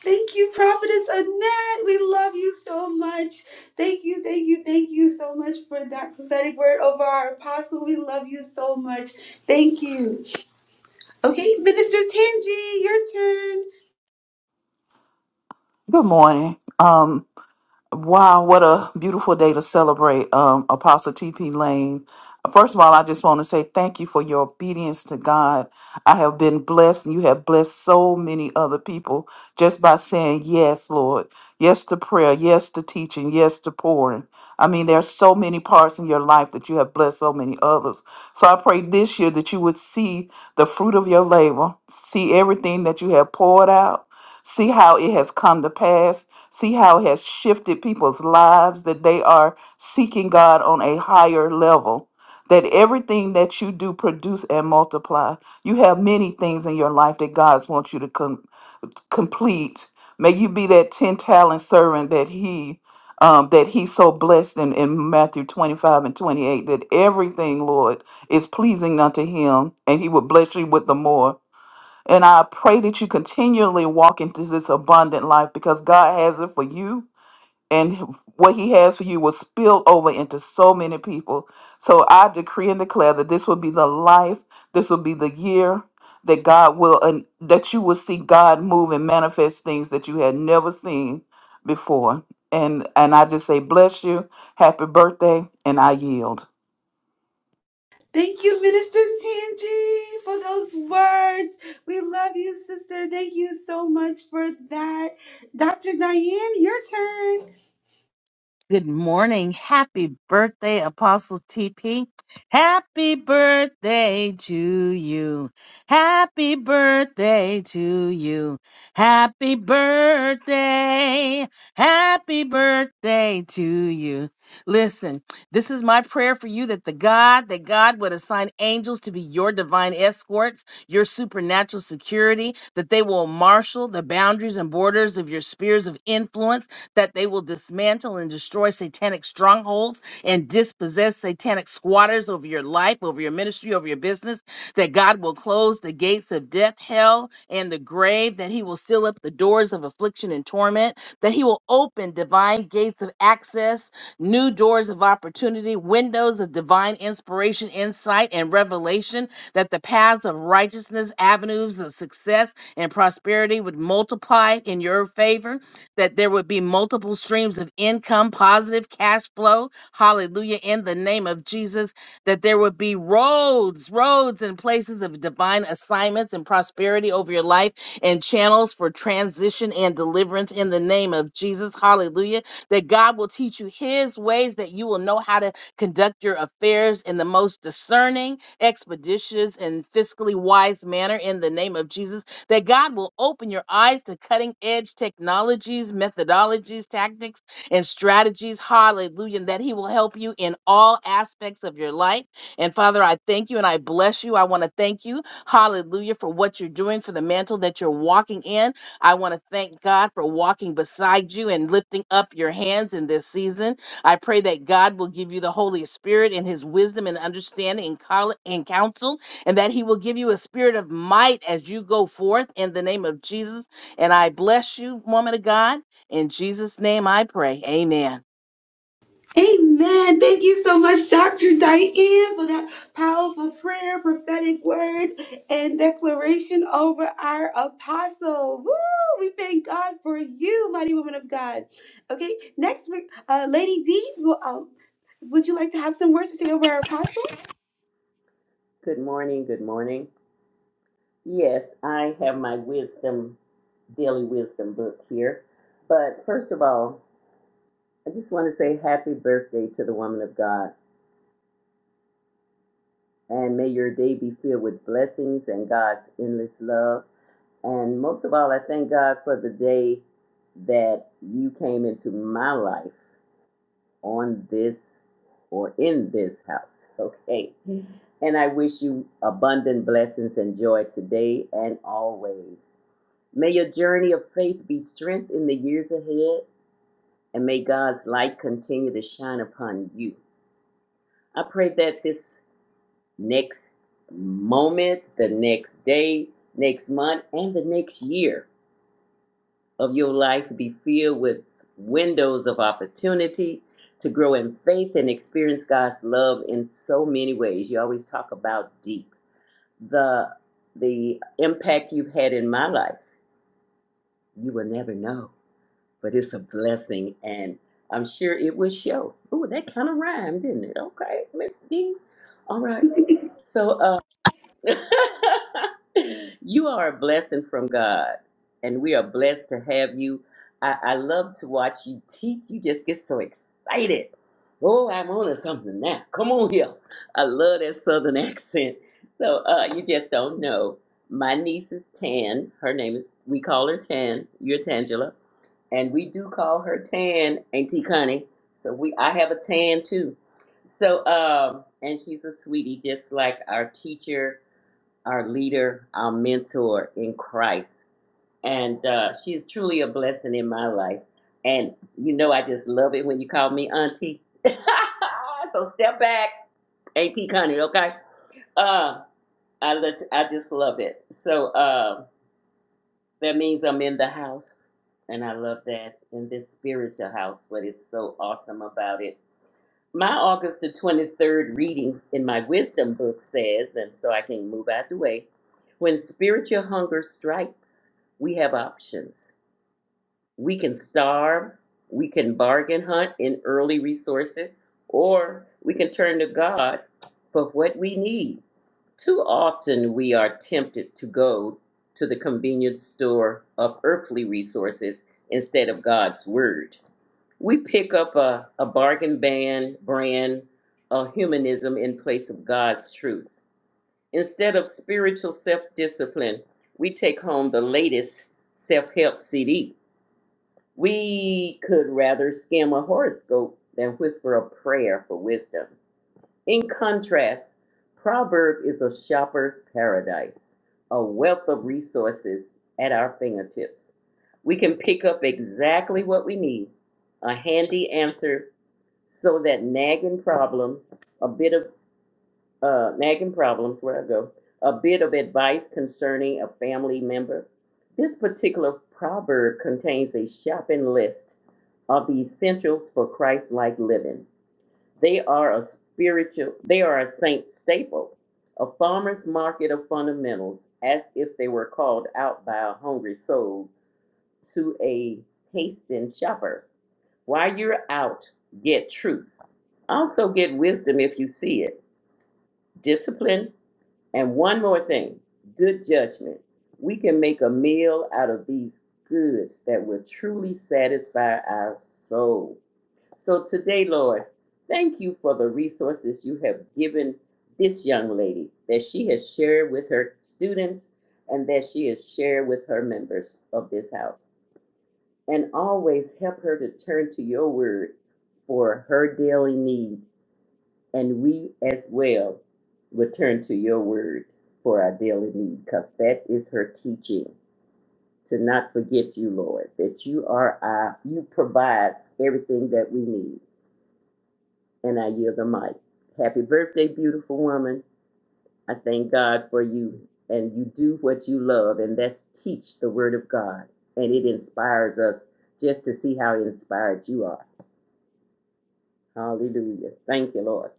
Speaker 1: Thank you, Prophetess Annette. We love you so much. Thank you, thank you, thank you so much for that prophetic word over our apostle. We love you so much. Thank you. Okay, Minister Tangi, your turn.
Speaker 8: Good morning. Um, Wow, what a beautiful day to celebrate, um, Apostle TP Lane. First of all, I just want to say thank you for your obedience to God. I have been blessed, and you have blessed so many other people just by saying yes, Lord. Yes to prayer, yes to teaching, yes to pouring. I mean, there are so many parts in your life that you have blessed so many others. So I pray this year that you would see the fruit of your labor, see everything that you have poured out, see how it has come to pass See how it has shifted people's lives, that they are seeking God on a higher level, that everything that you do produce and multiply. You have many things in your life that God wants you to com- complete. May you be that 10 talent servant that he um, that he so blessed in, in Matthew 25 and 28, that everything, Lord, is pleasing unto him, and he will bless you with the more. And I pray that you continually walk into this abundant life because God has it for you and what he has for you will spill over into so many people. So I decree and declare that this will be the life, this will be the year that God will and that you will see God move and manifest things that you had never seen before. And and I just say bless you, happy birthday, and I yield.
Speaker 1: Thank you, Minister Tangi, for those words. We love you, sister. Thank you so much for that. Dr. Diane, your turn.
Speaker 9: Good morning. Happy birthday, Apostle TP. Happy birthday to you. Happy birthday to you. Happy birthday. Happy birthday to you. Listen, this is my prayer for you that the God, that God would assign angels to be your divine escorts, your supernatural security, that they will marshal the boundaries and borders of your spheres of influence that they will dismantle and destroy satanic strongholds and dispossess satanic squatters over your life, over your ministry, over your business, that God will close the gates of death, hell, and the grave, that He will seal up the doors of affliction and torment, that He will open divine gates of access, new doors of opportunity, windows of divine inspiration, insight, and revelation, that the paths of righteousness, avenues of success, and prosperity would multiply in your favor that there would be multiple streams of income, positive cash flow. Hallelujah. In the name of Jesus, that there would be roads, roads and places of divine assignments and prosperity over your life and channels for transition and deliverance in the name of Jesus. Hallelujah. That God will teach you his ways, that you will know how to conduct your affairs in the most discerning, expeditious, and fiscally wise manner in the name of Jesus that God will open your eyes to cutting edge technologies, methodologies, tactics, and strategies. Hallelujah. And that He will help you in all aspects of your life. And Father, I thank you and I bless you. I want to thank you, hallelujah, for what you're doing, for the mantle that you're walking in. I want to thank God for walking beside you and lifting up your hands in this season. I pray that God will give you the Holy Spirit and His wisdom and understanding and, col- and counsel and that he will give you a spirit of might as you go forth in the name of Jesus. And I bless you, woman of God. In Jesus' name I pray. Amen.
Speaker 1: Amen. Thank you so much, Dr. Diane, for that powerful prayer, prophetic word, and declaration over our apostle. Woo! We thank God for you, mighty woman of God. Okay, next week, uh, Lady D, will, um, would you like to have some words to say over our apostle?
Speaker 10: Good morning. Good morning. Yes, I have my wisdom, daily wisdom book here. But first of all, I just want to say happy birthday to the woman of God. And may your day be filled with blessings and God's endless love. And most of all, I thank God for the day that you came into my life on this or in this house. Okay. And I wish you abundant blessings and joy today and always. May your journey of faith be strengthened in the years ahead, and may God's light continue to shine upon you. I pray that this next moment, the next day, next month, and the next year of your life be filled with windows of opportunity to grow in faith and experience God's love in so many ways. You always talk about deep. The the impact you've had in my life, you will never know. but it's a blessing, and I'm sure it will show. Ooh, that kind of rhymed, didn't it? Okay, Miss D. All right. So, uh, you are a blessing from God, and we are blessed to have you. I, I love to watch you teach. You just get so excited. Oh, I'm on to something now. Come on here. I love that southern accent. So, uh, you just don't know. My niece is Tan. Her name is, we call her Tan. You're Tangela and we do call her Tan, Auntie Connie. So we, I have a Tan too. So, um, and she's a sweetie, just like our teacher, our leader, our mentor in Christ. And uh, she is truly a blessing in my life. And you know, I just love it when you call me Auntie. so step back, Auntie Connie, okay? Uh, I let, I just love it. So. Um, that means I'm in the house, and I love that. In this spiritual house, what is so awesome about it. My August the 23rd reading in my wisdom book says, and so I can move out the way when spiritual hunger strikes, we have options. We can starve, we can bargain hunt in early resources, or we can turn to God for what we need. Too often we are tempted to go to the convenience store of earthly resources instead of God's word. We pick up a, a bargain ban, brand of humanism in place of God's truth. Instead of spiritual self discipline, we take home the latest self help CD. We could rather skim a horoscope than whisper a prayer for wisdom. In contrast, Proverb is a shopper's paradise, a wealth of resources at our fingertips. We can pick up exactly what we need, a handy answer so that nagging problems, a bit of uh, nagging problems, where I go, a bit of advice concerning a family member. This particular proverb contains a shopping list of the essentials for Christ like living. They are a spiritual, they are a saint staple, a farmer's market of fundamentals, as if they were called out by a hungry soul to a hasting shopper. While you're out, get truth. Also, get wisdom if you see it, discipline, and one more thing good judgment. We can make a meal out of these goods that will truly satisfy our soul. So today, Lord, thank you for the resources you have given this young lady that she has shared with her students and that she has shared with her members of this house. And always help her to turn to your word for her daily need. And we as well will turn to your word for our daily need because that is her teaching to not forget you, Lord, that you are our, you provide everything that we need. and I yield the mic. Happy birthday, beautiful woman. I thank God for you. And you do what you love, and that's teach the word of God. And it inspires us just to see how inspired you are. Hallelujah. Thank you, Lord.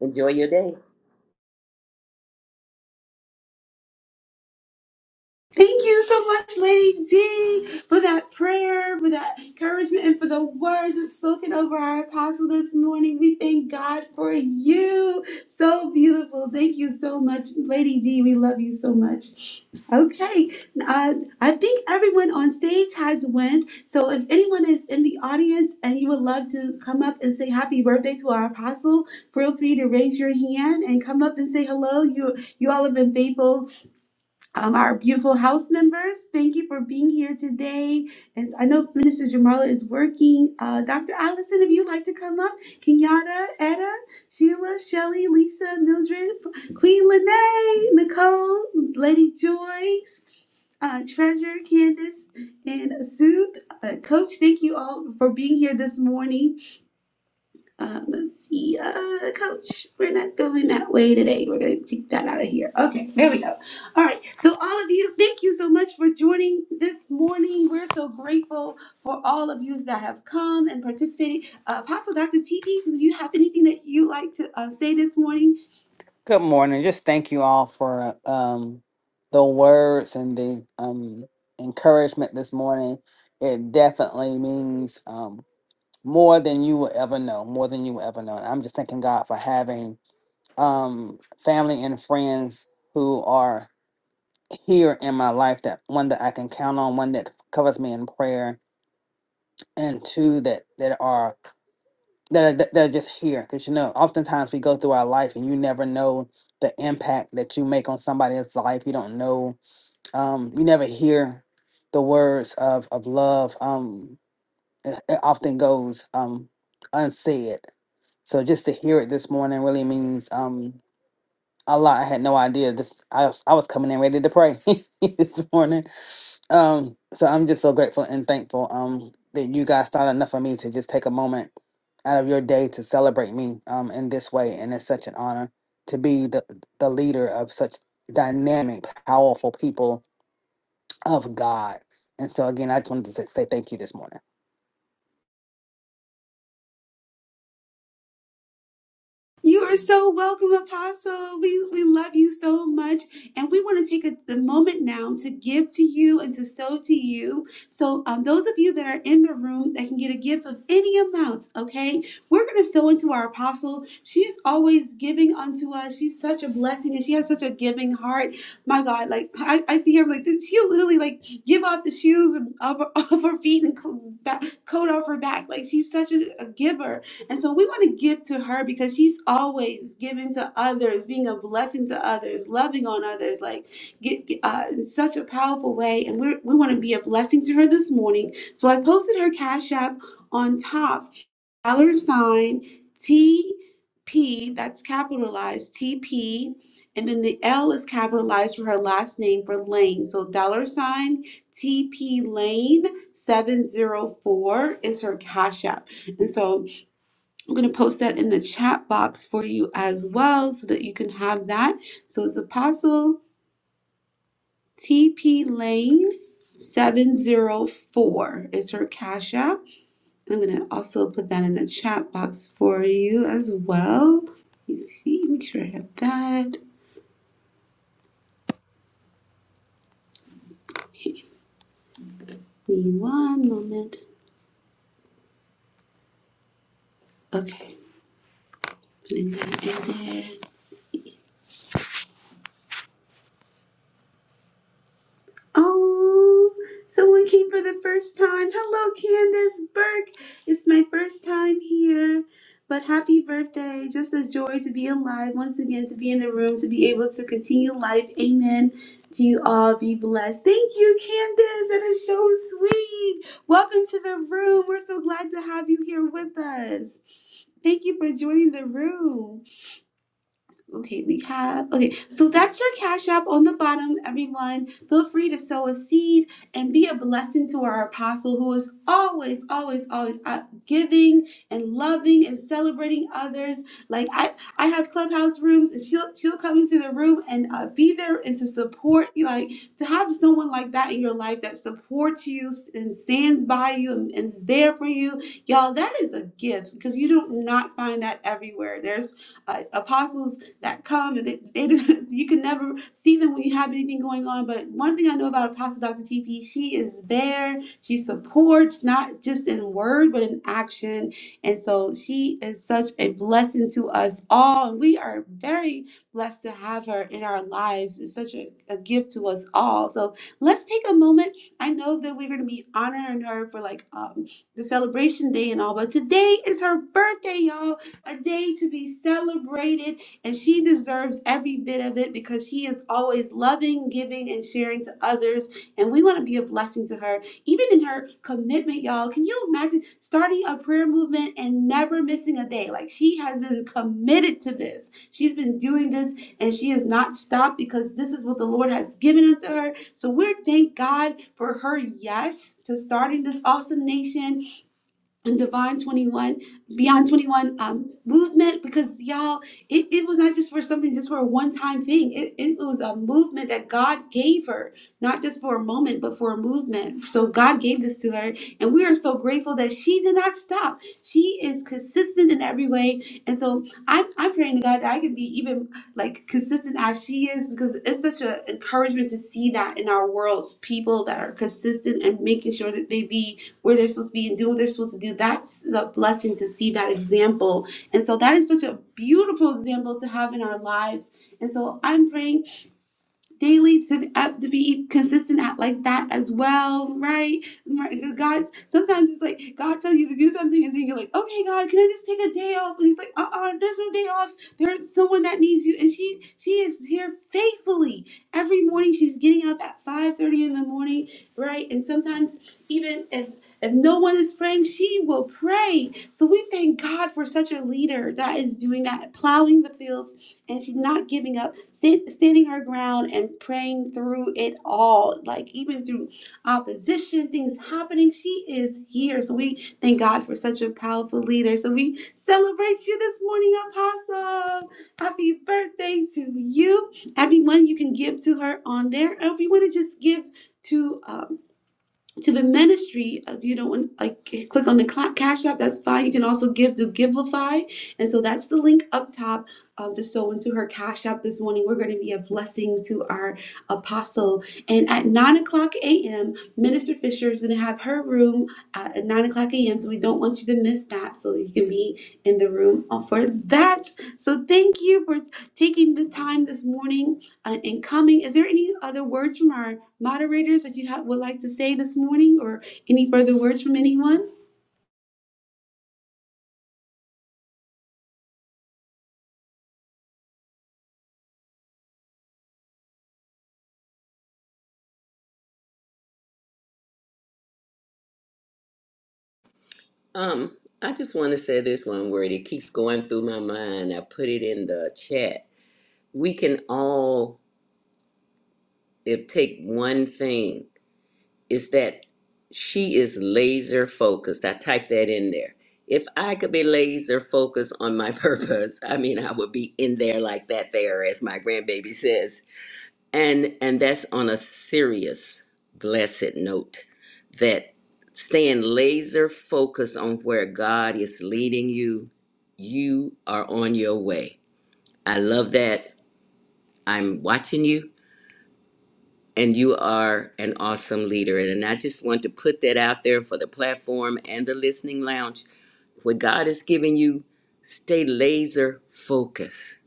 Speaker 10: Enjoy your day.
Speaker 1: Thank you so much, Lady D, for that prayer, for that encouragement, and for the words that's spoken over our apostle this morning. We thank God for you. So beautiful. Thank you so much, Lady D. We love you so much. Okay, uh, I think everyone on stage has went. So if anyone is in the audience and you would love to come up and say happy birthday to our apostle, feel free to raise your hand and come up and say hello. You you all have been faithful um, our beautiful house members, thank you for being here today. As I know Minister Jamala is working, uh, Dr. Allison, if you'd like to come up, Kenyatta, Etta, Sheila, Shelley, Lisa, Mildred, Queen Lene, Nicole, Lady Joyce, uh, Treasure, Candace, and Sue. Uh, Coach, thank you all for being here this morning. Um, let's see, uh, coach, we're not going that way today. We're going to take that out of here. Okay, there we go. All right, so all of you, thank you so much for joining this morning. We're so grateful for all of you that have come and participated. Uh, Apostle Dr. TP, do you have anything that you like to uh, say this morning?
Speaker 7: Good morning. Just thank you all for um, the words and the um, encouragement this morning. It definitely means um, more than you will ever know, more than you will ever know. And I'm just thanking God for having um, family and friends who are here in my life that one that I can count on, one that covers me in prayer, and two that that are that are, that that are just here because you know oftentimes we go through our life and you never know the impact that you make on somebody else's life you don't know um you never hear the words of of love um it, it often goes um unsaid so just to hear it this morning really means um Allah, I had no idea this. I was, I was coming in ready to pray this morning. Um, so I'm just so grateful and thankful. Um, that you guys thought enough of me to just take a moment out of your day to celebrate me. Um, in this way, and it's such an honor to be the the leader of such dynamic, powerful people of God. And so again, I just wanted to say, say thank you this morning.
Speaker 1: You are so welcome, Apostle. We, we love you so much. And we want to take a, the moment now to give to you and to sow to you. So, um, those of you that are in the room that can get a gift of any amount, okay, we're going to sow into our Apostle. She's always giving unto us. She's such a blessing and she has such a giving heart. My God, like I, I see her, like this, she'll literally like give off the shoes of, of her feet and co- back, coat off her back. Like she's such a, a giver. And so we want to give to her because she's always giving to others, being a blessing to others, loving on others, like get, get- uh, in such a powerful way. And we're, we want to be a blessing to her this morning. So I posted her Cash App on top, dollar sign TP, that's capitalized TP. And then the L is capitalized for her last name for Lane. So dollar sign TP Lane 704 is her Cash App. And so I'm going to post that in the chat box for you as well so that you can have that. So it's Apostle TP Lane 704 is her Cash App. I'm going to also put that in the chat box for you as well. You see, make sure I have that. Give me one moment. Okay, putting that in there. Oh, someone came for the first time. Hello, Candace Burke. It's my first time here. But happy birthday. Just a joy to be alive once again, to be in the room, to be able to continue life. Amen. To you all, be blessed. Thank you, Candace. That is so sweet. Welcome to the room. We're so glad to have you here with us. Thank you for joining the room. Okay, we have. Okay, so that's your Cash App on the bottom, everyone. Feel free to sow a seed and be a blessing to our apostle who is always, always, always out giving and loving and celebrating others. Like I, I have clubhouse rooms, and she'll she'll come into the room and uh, be there and to support. you Like to have someone like that in your life that supports you and stands by you and, and is there for you, y'all. That is a gift because you do not find that everywhere. There's uh, apostles that come and they, they you can never see them when you have anything going on. But one thing I know about Apostle Dr. TP, she is there. She supports not just in word but in action, and so she is such a blessing to us all. And we are very blessed to have her in our lives. It's such a, a gift to us all. So let's take a moment. I know that we're going to be honoring her for like um, the celebration day and all, but today is her birthday, y'all a day to be celebrated. And she deserves every bit of it because she is always loving, giving, and sharing to others. And we want to be a blessing to her, even in her commitment, y'all. Can you imagine starting a prayer movement and never missing a day? Like she has been committed to this. She's been doing this and she has not stopped because this is what the Lord has given unto her. So we are thank God for her yes to starting this awesome nation and divine 21 beyond 21 um movement because y'all it, it was not just for something just for a one-time thing it, it was a movement that god gave her not just for a moment but for a movement so god gave this to her and we are so grateful that she did not stop she is consistent in every way and so i'm, I'm praying to god that i can be even like consistent as she is because it's such an encouragement to see that in our worlds people that are consistent and making sure that they be where they're supposed to be and doing what they're supposed to do. That's the blessing to see that example. And so that is such a beautiful example to have in our lives. And so I'm praying daily to up to be consistent at like that as well, right? Right, God, sometimes it's like God tells you to do something, and then you're like, okay, God, can I just take a day off? And He's like, uh, uh there's no day offs. There's someone that needs you, and she she is here faithfully every morning. She's getting up at five thirty in the morning, right? And sometimes even if if no one is praying, she will pray. So we thank God for such a leader that is doing that, plowing the fields, and she's not giving up stand, standing her ground and praying through it all, like even through opposition, things happening. She is here. So we thank God for such a powerful leader. So we celebrate you this morning, Apostle. Happy birthday to you. Everyone, you can give to her on there. Or if you want to just give to um, to the ministry of you do know like click on the cla- cash app that's fine you can also give to givelify and so that's the link up top um, to sow into her cash app this morning we're going to be a blessing to our apostle and at 9 o'clock a.m minister fisher is going to have her room uh, at 9 o'clock a.m so we don't want you to miss that so you can be in the room uh, for that so thank you for taking the time this morning uh, and coming is there any other words from our moderators that you ha- would like to say this morning or any further words from anyone?
Speaker 10: Um, I just want to say this one word. It keeps going through my mind. I put it in the chat. We can all if take one thing is that she is laser focused. I typed that in there. If I could be laser focused on my purpose, I mean, I would be in there like that there, as my grandbaby says. And and that's on a serious, blessed note that staying laser focused on where God is leading you, you are on your way. I love that. I'm watching you and you are an awesome leader. And I just want to put that out there for the platform and the listening lounge. What God has given you, stay laser focused,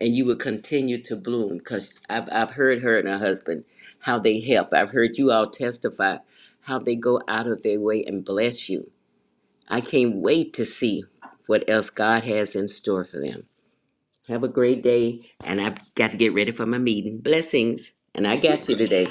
Speaker 10: and you will continue to bloom. Because I've, I've heard her and her husband how they help. I've heard you all testify how they go out of their way and bless you. I can't wait to see what else God has in store for them. Have a great day, and I've got to get ready for my meeting. Blessings, and I got you today.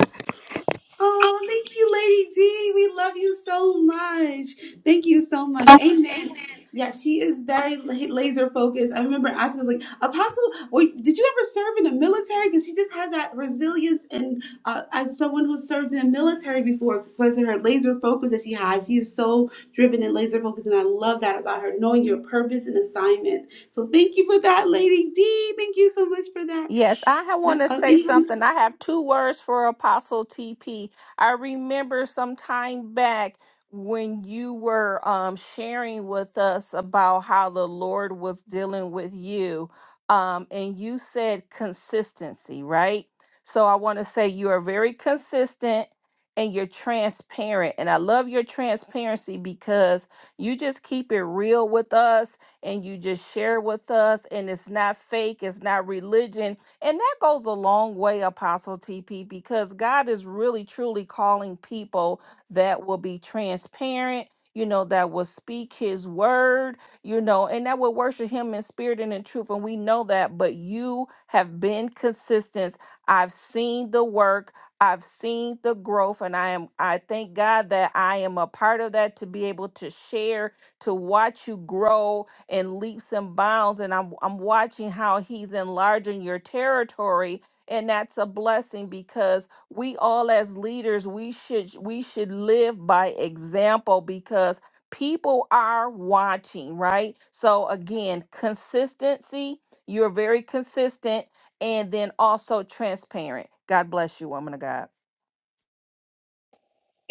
Speaker 1: Oh, thank you, Lady D. We love you so much. Thank you so much. Amen. Yeah, she is very la- laser focused. I remember asking, I was like, Apostle, were- did you ever serve in the military? Because she just has that resilience. And uh, as someone who served in the military before, because of her laser focus that she has, she is so driven and laser focused. And I love that about her, knowing your purpose and assignment. So thank you for that, Lady D. Thank you so much for that.
Speaker 5: Yes, I want to
Speaker 1: Uh,
Speaker 5: say
Speaker 1: anyone?
Speaker 5: something. I have two words for Apostle TP. I remember some time back when you were um, sharing with us about how the Lord was dealing with you, um, and you said consistency, right? So I want to say you are very consistent and you're transparent. And I love your transparency because you just keep it real with us and you just share with us, and it's not fake, it's not religion and that goes a long way, Apostle TP, because God is really truly calling people that will be transparent, you know, that will speak his word, you know, and that will worship him in spirit and in truth. And we know that, but you have been consistent. I've seen the work, I've seen the growth, and I am I thank God that I am a part of that to be able to share, to watch you grow, in leaps and bounds and I'm I'm watching how he's enlarging your territory and that's a blessing because we all as leaders we should we should live by example because people are watching, right? So again, consistency, you're very consistent and then also transparent. God bless you, woman of God.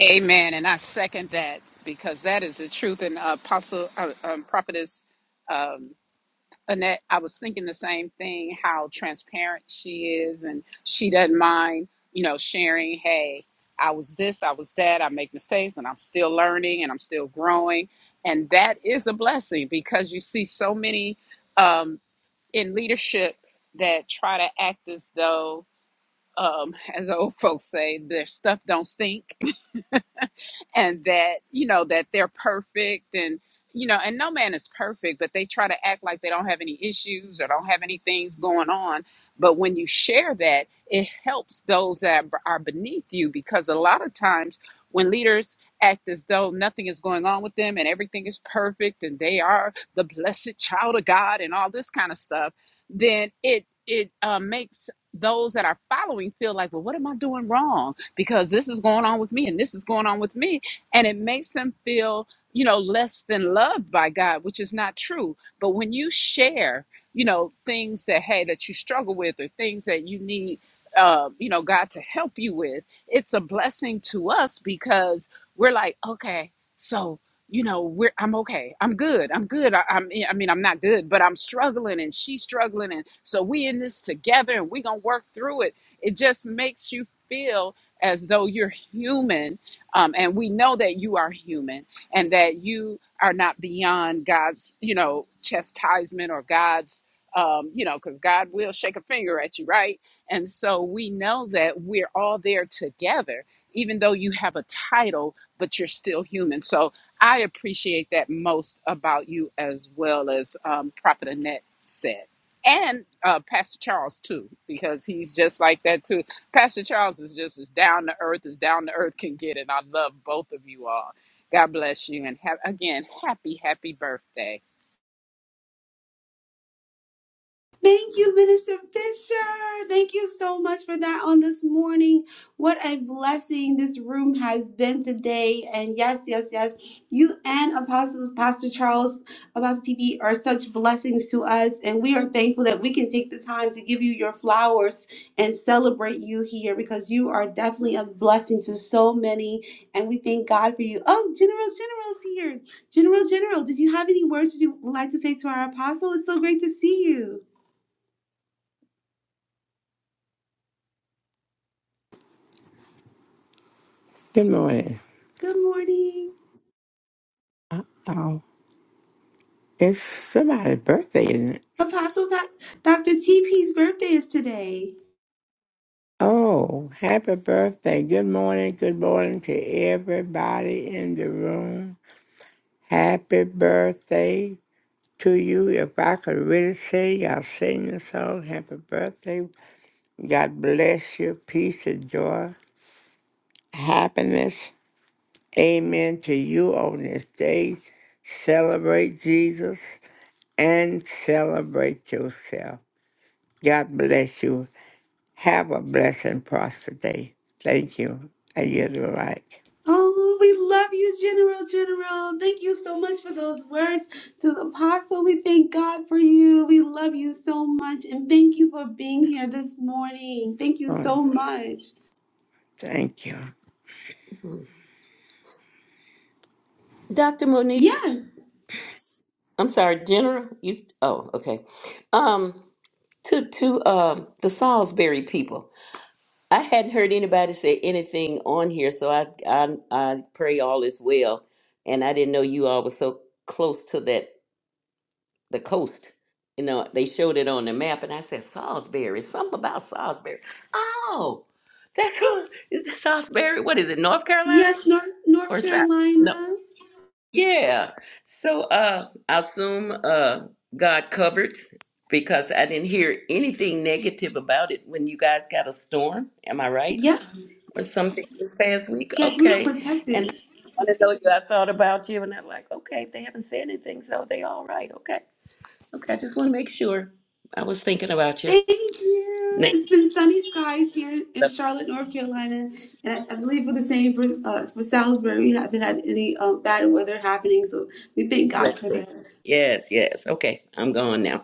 Speaker 3: Amen. And I second that because that is the truth. And uh, Apostle, uh, um, Prophetess um, Annette, I was thinking the same thing how transparent she is. And she doesn't mind, you know, sharing, hey, I was this, I was that, I make mistakes, and I'm still learning and I'm still growing. And that is a blessing because you see so many um, in leadership that try to act as though, um, as old folks say, their stuff don't stink and that you know that they're perfect and you know and no man is perfect but they try to act like they don't have any issues or don't have any things going on but when you share that it helps those that are beneath you because a lot of times when leaders act as though nothing is going on with them and everything is perfect and they are the blessed child of god and all this kind of stuff then it it uh, makes those that are following feel like well what am i doing wrong because this is going on with me and this is going on with me and it makes them feel you know less than loved by god which is not true but when you share you know things that hey that you struggle with or things that you need uh, you know god to help you with it's a blessing to us because we're like okay so you know we're i'm okay i'm good i'm good I, i'm i mean i'm not good but i'm struggling and she's struggling and so we in this together and we are gonna work through it it just makes you feel as though you're human um, and we know that you are human and that you are not beyond God's, you know, chastisement or God's, um, you know, because God will shake a finger at you, right? And so we know that we're all there together, even though you have a title, but you're still human. So I appreciate that most about you, as well as um, Prophet Annette said and uh, Pastor Charles too, because he's just like that too. Pastor Charles is just as down to earth as down to earth can get, and I love both of you all. God bless you, and have again, happy, happy birthday.
Speaker 1: Thank you, Minister Fisher. Thank you so much for that on this morning. What a blessing this room has been today. And yes, yes, yes, you and Apostle Pastor Charles, Apostle TV are such blessings to us. And we are thankful that we can take the time to give you your flowers and celebrate you here because you are definitely a blessing to so many. And we thank God for you. Oh, General General's here. General General, did you have any words that you would like to say to our apostle? It's so great to see you.
Speaker 11: Good morning.
Speaker 1: Good morning.
Speaker 11: Oh, it's somebody's birthday, isn't it?
Speaker 1: Apostle Doc- Dr. TP's birthday is today.
Speaker 11: Oh, happy birthday. Good morning. Good morning to everybody in the room. Happy birthday to you. If I could really sing, I'll sing the song. Happy birthday. God bless you. Peace and joy. Happiness. Amen to you on this day. Celebrate Jesus and celebrate yourself. God bless you. Have a blessed and prosperous day. Thank you. And you're the right.
Speaker 1: Oh, we love you, General. General, thank you so much for those words to the apostle. We thank God for you. We love you so much. And thank you for being here this morning. Thank you
Speaker 11: Oh,
Speaker 1: so much.
Speaker 11: thank you.
Speaker 10: Dr. Monique,
Speaker 1: Yes.
Speaker 10: I'm sorry, General. You oh, okay. Um, to to um the Salisbury people. I hadn't heard anybody say anything on here, so I I I pray all is well. And I didn't know you all were so close to that the coast. You know, they showed it on the map, and I said Salisbury, something about Salisbury. Oh, that's is that Salisbury? What is it, North Carolina
Speaker 1: Yes, North,
Speaker 10: or
Speaker 1: North
Speaker 10: South? No.
Speaker 1: Carolina.
Speaker 10: Yeah. So uh, I assume uh, God covered because I didn't hear anything negative about it when you guys got a storm. Am I right?
Speaker 1: Yep.
Speaker 10: Or something this past week?
Speaker 1: Yes, we were
Speaker 10: Okay. And
Speaker 1: protected.
Speaker 10: I want to know you. I thought about you, and I'm like, okay, if they haven't said anything, so they all right. Okay. Okay. I just want to make sure. I was thinking about you.
Speaker 1: Thank you.
Speaker 10: Name
Speaker 1: It's been sunny skies here in
Speaker 10: of
Speaker 1: Charlotte, North Carolina, and I, I believe for the same for uh, for Salisbury. We haven't had any um, bad weather happening, so we thank
Speaker 10: my
Speaker 1: God for that.
Speaker 10: blessings. Yes. Yes. Okay. I'm gone now.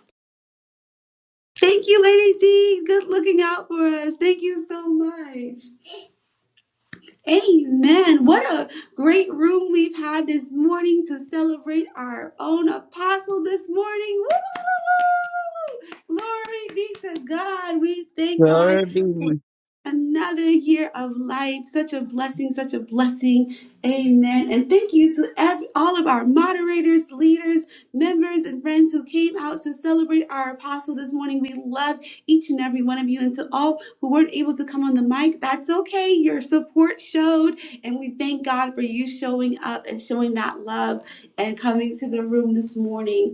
Speaker 1: Thank you, Lady D. Good looking out for us. Thank you so much. Amen. What a great room we've had this morning to celebrate our own apostle this morning. Woo! Glory be to God. We thank
Speaker 2: Glory
Speaker 1: God.
Speaker 2: be.
Speaker 1: another year of life. Such a blessing, such a blessing. Amen. And thank you to ev- all of our moderators, leaders, members, and friends who came out to celebrate our apostle this morning. We love each and every one of you. And to all who weren't able to come on the mic, that's okay. Your support showed. And we thank God for you showing up and showing that love and coming to the room this morning.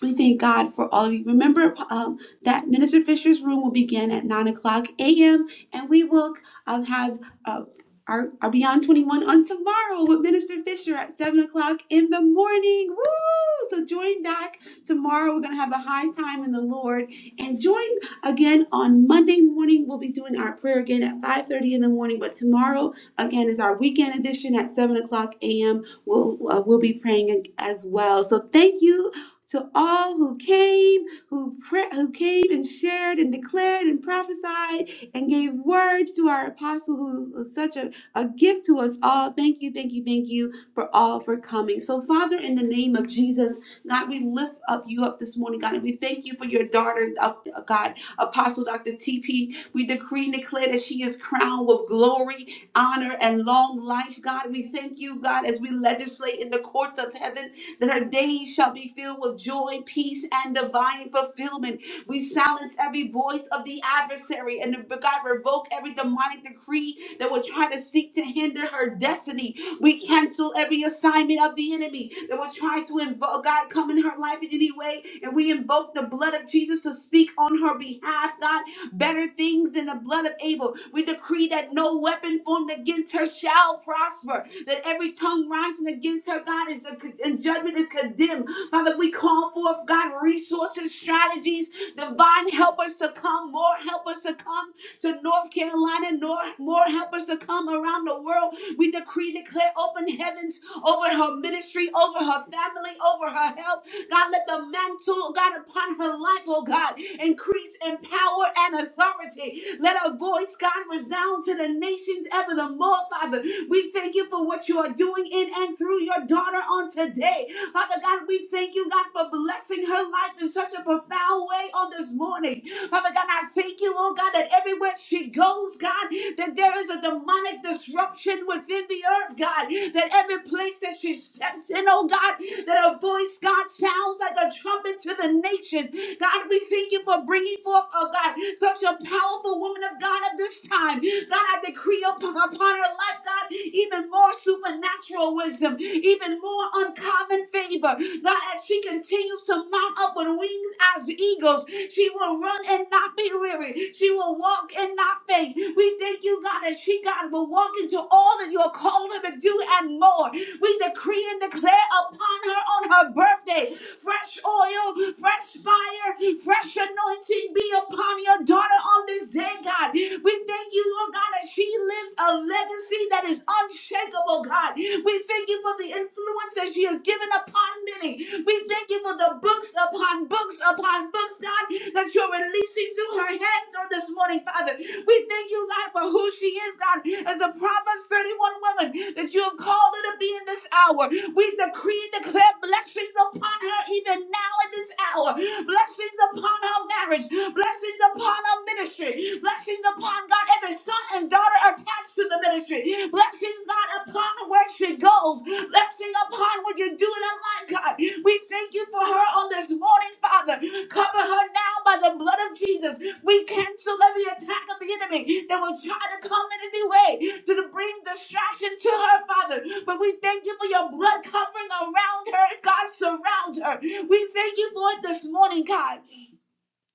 Speaker 1: We thank God for all of you. Remember um, that Minister Fisher's room will begin at 9 o'clock a.m. and we will um, have uh, our, our Beyond 21 on tomorrow with Minister Fisher at 7 o'clock in the morning. Woo! So join back tomorrow. We're going to have a high time in the Lord. And join again on Monday morning. We'll be doing our prayer again at 5.30 in the morning. But tomorrow, again, is our weekend edition at 7 o'clock a.m. We'll, uh, we'll be praying as well. So thank you to all who came, who pre- who came and shared and declared and prophesied and gave words to our apostle, who was such a, a gift to us all. Thank you, thank you, thank you for all for coming. So, Father, in the name of Jesus, God, we lift up you up this morning, God, and we thank you for your daughter, uh, God, Apostle Dr. TP. We decree and declare that she is crowned with glory, honor, and long life, God. We thank you, God, as we legislate in the courts of heaven that her days shall be filled with joy, peace, and divine fulfillment. We silence every voice of the adversary and God revoke every demonic decree that will try to seek to hinder her destiny. We cancel every assignment of the enemy that will try to invoke God come in her life in any way, and we invoke the blood of Jesus to speak on her behalf, God better things than the blood of Abel. We decree that no weapon formed against her shall prosper, that every tongue rising against her, God, is and judgment is condemned. Father, we call forth, God, resources, strategies, divine helpers to come, more helpers to come to North Carolina, nor, more helpers to come around the world. We decree, declare open heavens over her ministry, over her family, over her health God, let the mantle, oh God, upon her life, oh God, increase in power and authority. Let her voice, God, resound to the nations ever the more, Father. We thank you for what you are doing in and through your daughter on today. Father God, we thank you, God, for blessing her life in such a profound way on this morning. Father God, I thank you, Lord God, that everywhere she goes, God, that there is a demonic disruption within the earth, God, that every place that she steps in, oh God, that her voice, God, sounds like a trumpet to the nations. God, we thank you for bringing forth, oh God, such a powerful woman of God of this time. God, I decree upon, upon her life, God. God, even more supernatural wisdom, even more uncommon favor. God, as she continues to mount up with wings as eagles, she will run and not be weary. She will walk and not faint. We thank you, God, that she, God, will walk into all that you are calling her to do and more. We decree and declare upon her on her birthday fresh oil, fresh fire, fresh anointing be upon your daughter on this day, God. We thank you, Lord God, that she lives a legacy that is unshakable, God. We thank you for the influence that she has given upon many. We thank you for the books upon books upon books, God, that you're releasing through her hands on this morning, Father. We thank you, God, for who she is, God, as the Proverbs 31 one woman that you have called her to be in this hour. We decree and declare blessings upon her even now in this hour. Blessings upon her marriage. Blessings upon her ministry. Blessings upon God, every son and daughter attached to the ministry. Blessings, God, upon where she goes. Blessing upon what you do in her life, God. We thank you for her on this morning, Father. Cover her now by the blood of Jesus. We cancel every attack of the enemy that will try to come in any way to bring distraction to her, Father. But we thank you for your blood covering around her. God, surround her. We thank you for it this morning, God.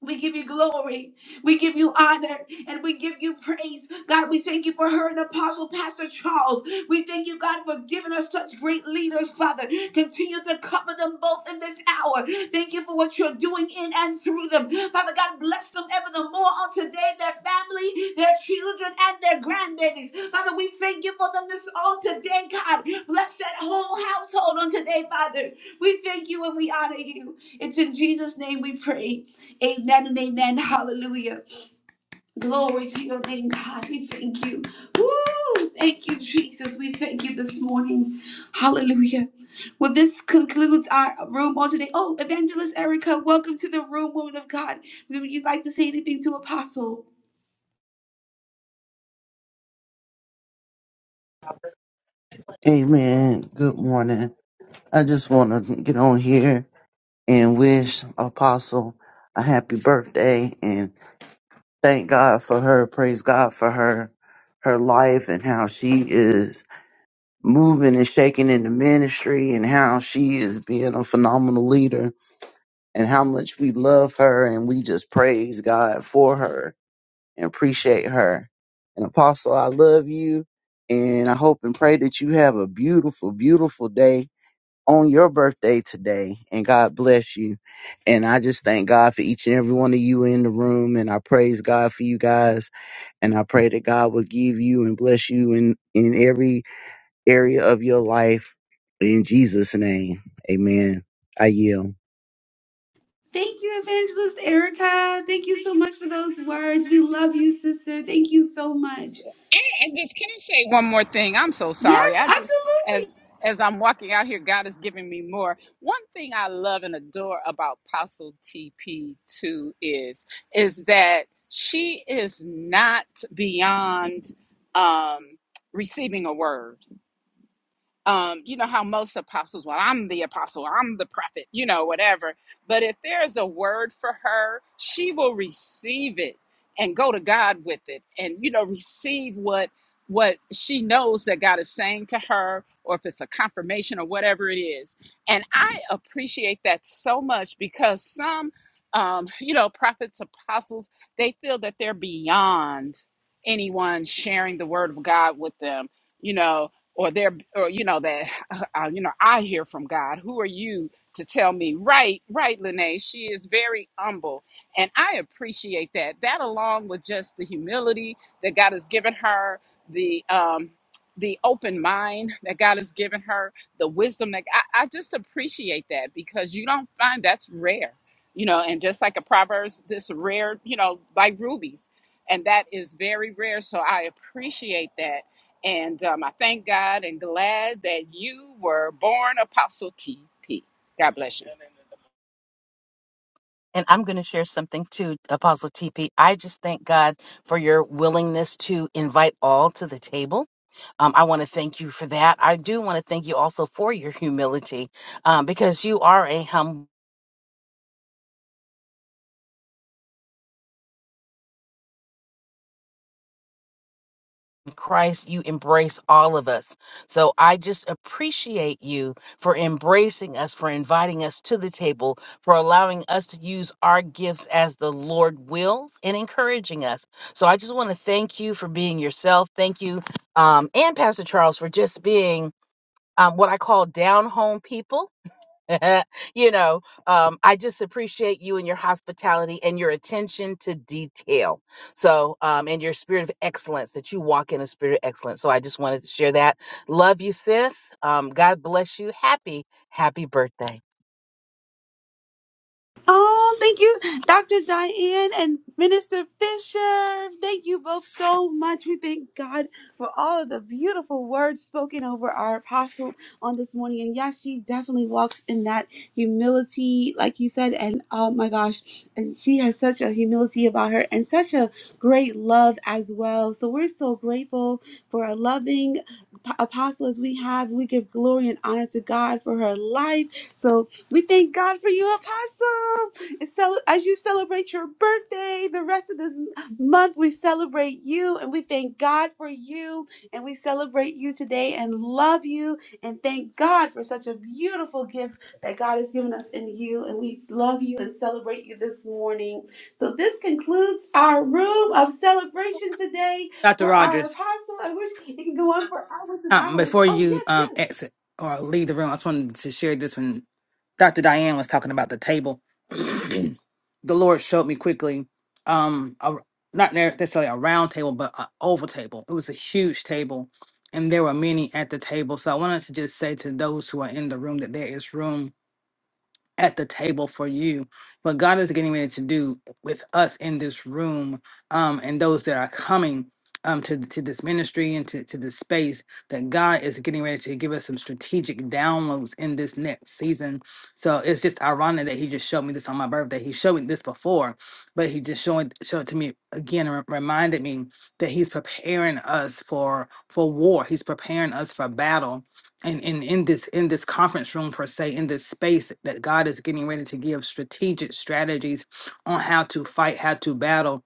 Speaker 1: We give you glory. We give you honor and we give you praise. God, we thank you for her and Apostle Pastor Charles. We thank you, God, for giving us such great leaders, Father. Continue to cover them both in this hour. Thank you for what you're doing in and through them. Father God, bless them ever the more on today, their family, their children, and their grandbabies. Father, we thank you for them this on today, God. Bless that whole household on today, Father. We thank you and we honor you. It's in Jesus' name we pray. Amen and amen. Hallelujah. Glory to your name, God. We thank you. Woo! Thank you, Jesus. We thank you this morning. Hallelujah. Well, this concludes our room on today. Oh, Evangelist Erica, welcome to the room, woman of God. Would you like to say anything to Apostle?
Speaker 12: Amen. Good morning. I just want to get on here and wish Apostle a happy birthday and thank God for her. Praise God for her, her life and how she is moving and shaking in the ministry and how she is being a phenomenal leader and how much we love her and we just praise God for her and appreciate her. And Apostle, I love you and I hope and pray that you have a beautiful, beautiful day on your birthday today and God bless you. And I just thank God for each and every one of you in the room and I praise God for you guys and I pray that God will give you and bless you in in every area of your life in Jesus name. Amen. I yield.
Speaker 1: Thank you, Evangelist Erica. Thank you so much for those words. We love you, sister. Thank you so much.
Speaker 3: And, and just can I say one more thing? I'm so
Speaker 1: Yes,
Speaker 3: sorry. I just
Speaker 1: absolutely.
Speaker 3: as as I'm walking out here, God is giving me more. One thing I love and adore about Apostle TP too is is that she is not beyond um, receiving a word um, you know how most apostles, well, I'm the apostle, I'm the prophet, you know, whatever. But if there's a word for her, she will receive it and go to God with it, and you know, receive what what she knows that God is saying to her, or if it's a confirmation or whatever it is. And I appreciate that so much because some, um, you know, prophets, apostles, they feel that they're beyond anyone sharing the word of God with them. You know, or they're or you know that uh, uh, you know i hear from god who are you to tell me right right lene she is very humble and i appreciate that that along with just the humility that god has given her the um the open mind that god has given her the wisdom that i, I just appreciate that because you don't find that's rare you know and just like a proverbs this rare you know like rubies and that is very rare so i appreciate that and um, I thank God and glad that you were born Apostle TP. God bless you.
Speaker 9: And I'm going to share something too, Apostle TP. I just thank God for your willingness to invite all to the table. Um, I want to thank you for that. I do want to thank you also for your humility um, because you are a humble. Christ, you embrace all of us. So I just appreciate you for embracing us, for inviting us to the table, for allowing us to use our gifts as the Lord wills and encouraging us. So I just want to thank you for being yourself. Thank you, um, and Pastor Charles for just being um, what I call down home people you know, um, I just appreciate you and your hospitality and your attention to detail. So, um, and your spirit of excellence that you walk in a spirit of excellence. So, I just wanted to share that. Love you, sis. Um, God bless you. Happy, happy birthday.
Speaker 1: Oh, thank you, Dr. Diane and Minister Fisher. Thank you both so much. We thank God for all of the beautiful words spoken over our apostle on this morning. And yes, she definitely walks in that humility, like you said. And oh my gosh, and she has such a humility about her and such a great love as well. So we're so grateful for a loving p- apostle as we have. We give glory and honor to God for her life. So we thank God for you, Apostle. And cel- As you celebrate your birthday, the rest of this m- month, we celebrate you and we thank God for you. And we celebrate you today and love you and thank God for such a beautiful gift that God has given us in you. And we love you and celebrate you this morning. So, this concludes our room of celebration today
Speaker 7: Dr.
Speaker 1: for our
Speaker 7: Rogers.
Speaker 1: Apostle. I wish it can go on for hours and
Speaker 7: Um,
Speaker 1: hours.
Speaker 7: before
Speaker 1: Oh,
Speaker 7: you
Speaker 1: yes,
Speaker 7: um
Speaker 1: yes.
Speaker 7: exit or leave the room, I just wanted to share this when Dr. Diane was talking about the table. the Lord showed me quickly, um, a, not necessarily a round table, but an oval table. It was a huge table, and there were many at the table. So I wanted to just say to those who are in the room that there is room at the table for you what god is getting ready to do with us in this room um, and those that are coming um, to, to this ministry and to, to this space that god is getting ready to give us some strategic downloads in this next season so it's just ironic that he just showed me this on my birthday he showed me this before but he just showed, showed it to me again and re- reminded me that he's preparing us for for war he's preparing us for battle and in in this in this conference room per se in this space that god is getting ready to give strategic strategies on how to fight how to battle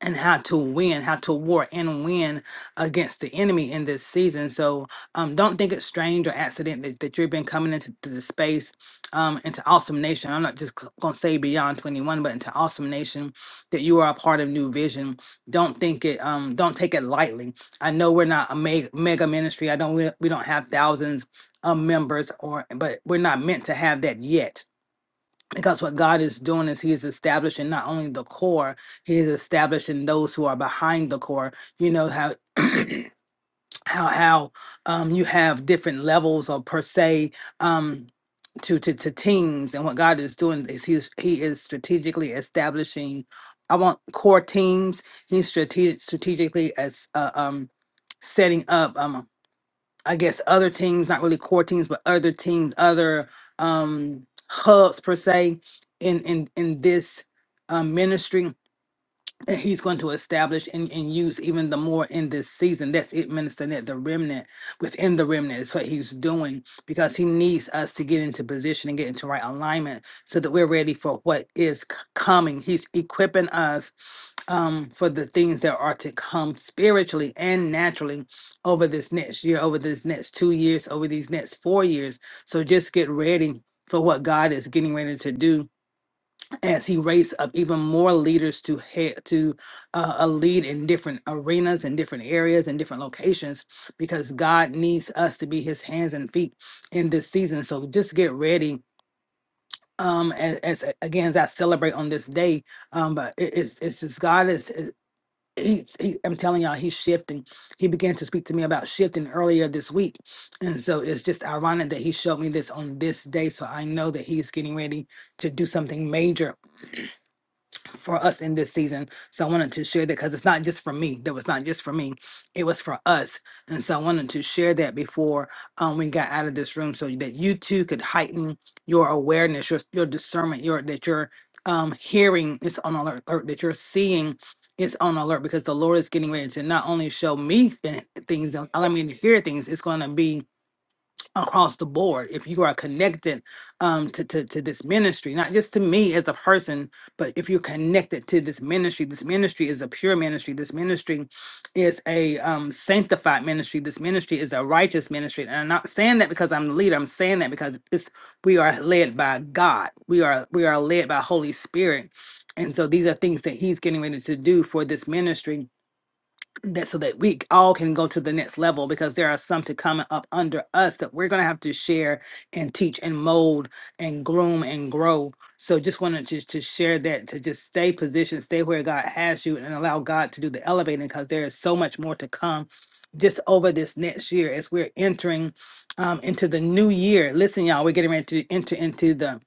Speaker 7: and how to win, how to war and win against the enemy in this season. So um, don't think it's strange or accident that, that you've been coming into to the space, um, into Awesome Nation. I'm not just c- gonna say beyond 21, but into Awesome Nation that you are a part of New Vision. Don't think it. Um, don't take it lightly. I know we're not a me- mega ministry. I don't. We, we don't have thousands of members, or but we're not meant to have that yet because what God is doing is He's establishing not only the core, He's establishing those who are behind the core. You know how how how um, you have different levels or per se um, to, to to teams, and what God is doing is He's He is strategically establishing. I want core teams. He's strategic, strategically as uh, um, setting up. um, I guess other teams, not really core teams, but other teams, other um hubs per se in in in this um ministry that he's going to establish and, and use even the more in this season. That's it ministering at the remnant within the remnant is what he's doing because he needs us to get into position and get into right alignment so that we're ready for what is c- coming. He's equipping us um, for the things that are to come spiritually and naturally over this next year, over this next two years, over these next four years. So just get ready for what God is getting ready to do as He raises up even more leaders to head to uh, a lead in different arenas and different areas and different locations, because God needs us to be His hands and feet in this season. So just get ready. Um, as, as again, as I celebrate on this day, um, but it, it's it's just God is he's, he, I'm telling y'all, he's shifting. He began to speak to me about shifting earlier this week. And so it's just ironic that he showed me this on this day. So I know that he's getting ready to do something major for us in this season. So I wanted to share that because it's not just for me. That was not just for me. It was for us. And so I wanted to share that before um, we got out of this room so that you too could heighten your awareness, your, your discernment, your that your um, hearing is on alert, alert, that you're seeing is on alert because the Lord is getting ready to not only show me th- things, allow me to hear things, it's going to be across the board if you are connected um to, to to this ministry not just to me as a person but if you're connected to this ministry this ministry is a pure ministry this ministry is a um sanctified ministry this ministry is a righteous ministry and i'm not saying that because i'm the leader i'm saying that because it's we are led by god we are we are led by holy spirit and so these are things that he's getting ready to do for this ministry that so that we all can go to the next level because there are some to come up under us that we're going to have to share and teach and mold and groom and grow so just wanted to, to share that to just stay positioned stay where god has you and allow god to do the elevating because there is so much more to come just over this next year as we're entering um, into the new year listen y'all we're getting ready to enter into the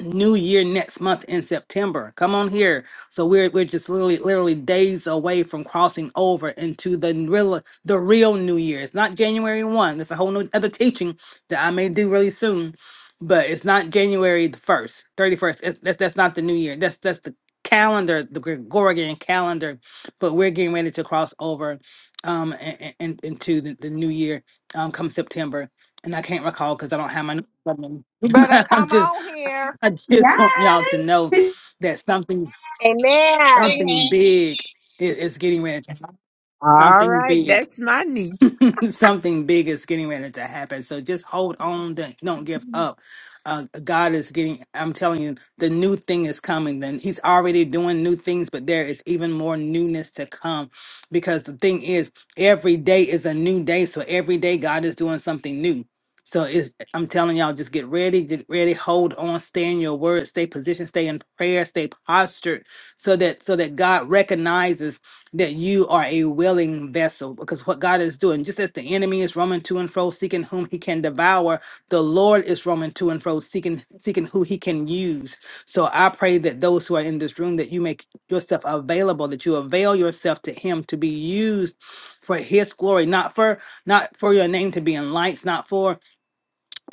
Speaker 7: new year next month in September. Come on here. So we're we're just literally literally days away from crossing over into the n- real the real new year. It's not January 1. That's a whole new, other teaching that I may do really soon. But it's not January the 1st, 31st. It's, that's that's not the new year. That's that's the calendar, the Gregorian calendar, but we're getting ready to cross over um and, into the, the new year um come September. And I can't recall because I don't have my
Speaker 5: You better
Speaker 7: but I'm
Speaker 5: come
Speaker 7: just.
Speaker 5: on here.
Speaker 7: I just want y'all to
Speaker 1: Yes.
Speaker 7: know that something
Speaker 9: Amen.
Speaker 3: Thing,
Speaker 7: something
Speaker 3: man.
Speaker 7: big i- is getting ready to happen.
Speaker 2: All
Speaker 7: Something
Speaker 2: right,
Speaker 7: big.
Speaker 2: that's my niece.
Speaker 7: something big is getting ready to happen. So just hold on. Don't don't give up. Uh, God is getting, I'm telling you, the new thing is coming. Then He's already doing new things, but there is even more newness to come because the thing is, every day is a new day. So every day, God is doing something new. So it's, I'm telling y'all, just get ready, get ready, hold on, stay in your word, stay positioned, stay in prayer, stay postured, so that so that God recognizes that you are a willing vessel because what God is doing, just as the enemy is roaming to and fro, seeking whom he can devour, the Lord is roaming to and fro, seeking seeking who he can use. So I pray that those who are in this room, that you make yourself available, that you avail yourself to him to be used for his glory, not for not for your name to be in lights, not for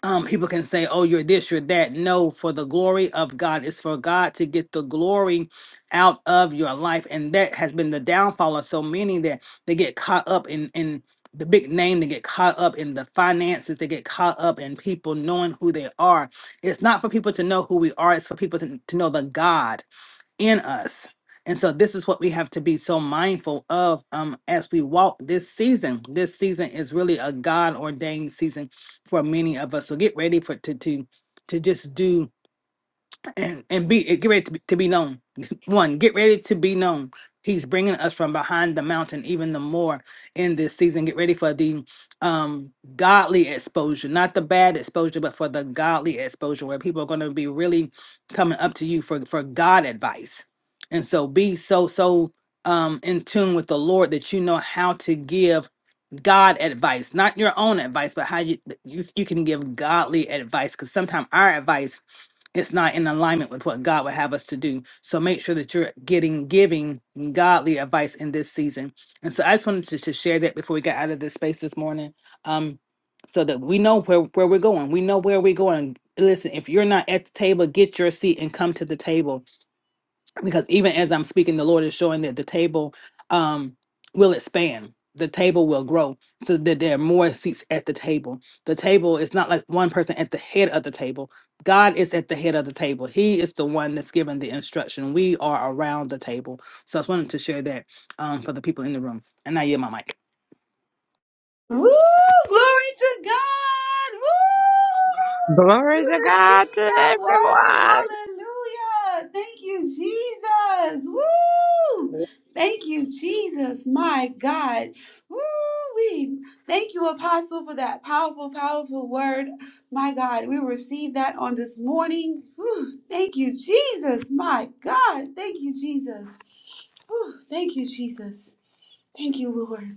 Speaker 7: um, people can say, oh, you're this, you're that. No, for the glory of God. It's for God to get the glory out of your life. And that has been the downfall of so many that they get caught up in, in the big name, they get caught up in the finances, they get caught up in people knowing who they are. It's not for people to know who we are, it's for people to, to know the God in us. And so this is what we have to be so mindful of um as we walk this season. This season is really a God ordained season for many of us. So get ready for to to to just do and and be get ready to be, to be known. One, get ready to be known. He's bringing us from behind the mountain even the more in this season. Get ready for the um godly exposure, not the bad exposure, but for the godly exposure where people are going to be really coming up to you for for God advice. And so be so so um in tune with the Lord that you know how to give God advice, not your own advice, but how you you, you can give godly advice. Because sometimes our advice it's not in alignment with what God would have us to do. So make sure that you're getting giving godly advice in this season. And so I just wanted to, to share that before we got out of this space this morning. Um, so that we know where, where we're going. We know where we're going. Listen, if you're not at the table, get your seat and come to the table because even as I'm speaking, the Lord is showing that the table um, will expand. The table will grow so that there are more seats at the table. The table is not like one person at the head of the table. God is at the head of the table. He is the one that's given the instruction. We are around the table. So I just wanted to share that um, for the people in the room. And I yield my mic.
Speaker 1: Woo! Glory to God! Woo!
Speaker 2: Glory to
Speaker 1: We
Speaker 2: God
Speaker 1: receive
Speaker 2: to
Speaker 1: that word.
Speaker 2: everyone.
Speaker 1: Hallelujah! Thank you, Jesus. Woo! Thank you, Jesus. My God. Woo! We thank you, Apostle, for that powerful, powerful word. My God, we receive that on this morning. Woo! Thank you, Jesus. My God. Thank you, Jesus. Woo! Thank you, Jesus. Thank you, Lord.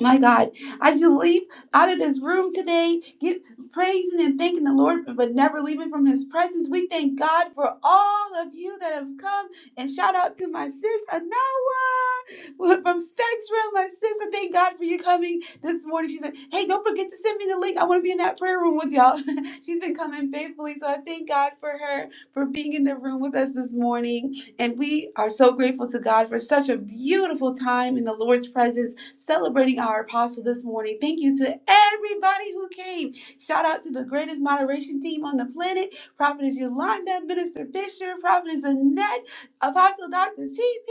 Speaker 1: My God, as you leave out of this room today, give praising and thanking the Lord, but never leaving from His presence. We thank God for all of you that have come, and shout out to my sis Anoa from Spectrum. My sis, I thank God for you coming this morning. She said, "Hey, don't forget to send me the link. I want to be in that prayer room with y'all." She's been coming faithfully, so I thank God for her for being in the room with us this morning, and we are so grateful to God for such a beautiful time in the Lord's presence celebrating our apostle this morning. Thank you to everybody who came. Shout out to the greatest moderation team on the planet Prophetess Yolanda, Minister Fisher, Prophetess Annette, Apostle Dr. TP,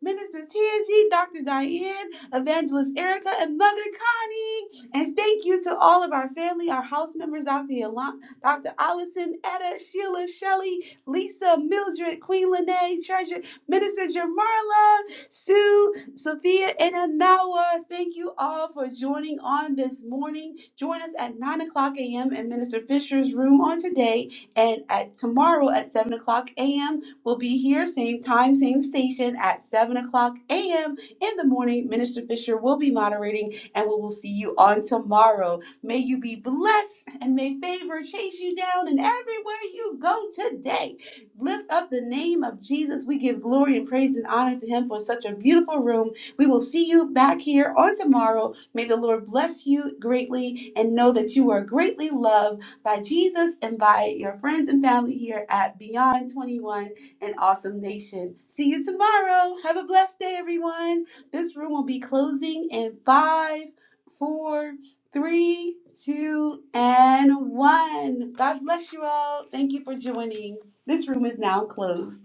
Speaker 1: Minister TNG, Dr. Diane, Evangelist Erica, and Mother Connie. And thank you to all of our family, our house members, Dr. Yolan- Dr. Allison, Etta, Sheila, Shelley, Lisa, Mildred, Queen Lene, Treasure, Minister Jamarla, Sue, Sophia in an hour. Thank you all for joining on this morning. Join us at 9 o'clock a.m. in Minister Fisher's room on today and at tomorrow at 7 o'clock a.m. We'll be here, same time, same station at 7 o'clock a.m. in the morning. Minister Fisher will be moderating and we will see you on tomorrow. May you be blessed and may favor chase you down and everywhere you go today lift up the name of Jesus. We give glory and praise and honor to him for such a beautiful room. We will see you back here on tomorrow. May the Lord bless you greatly and know that you are greatly loved by Jesus and by your friends and family here at Beyond 21 and Awesome Nation. See you tomorrow. Have a blessed day, everyone. This room will be closing in five, four, three, two, and one. God bless you all. Thank you for joining. This room is now closed.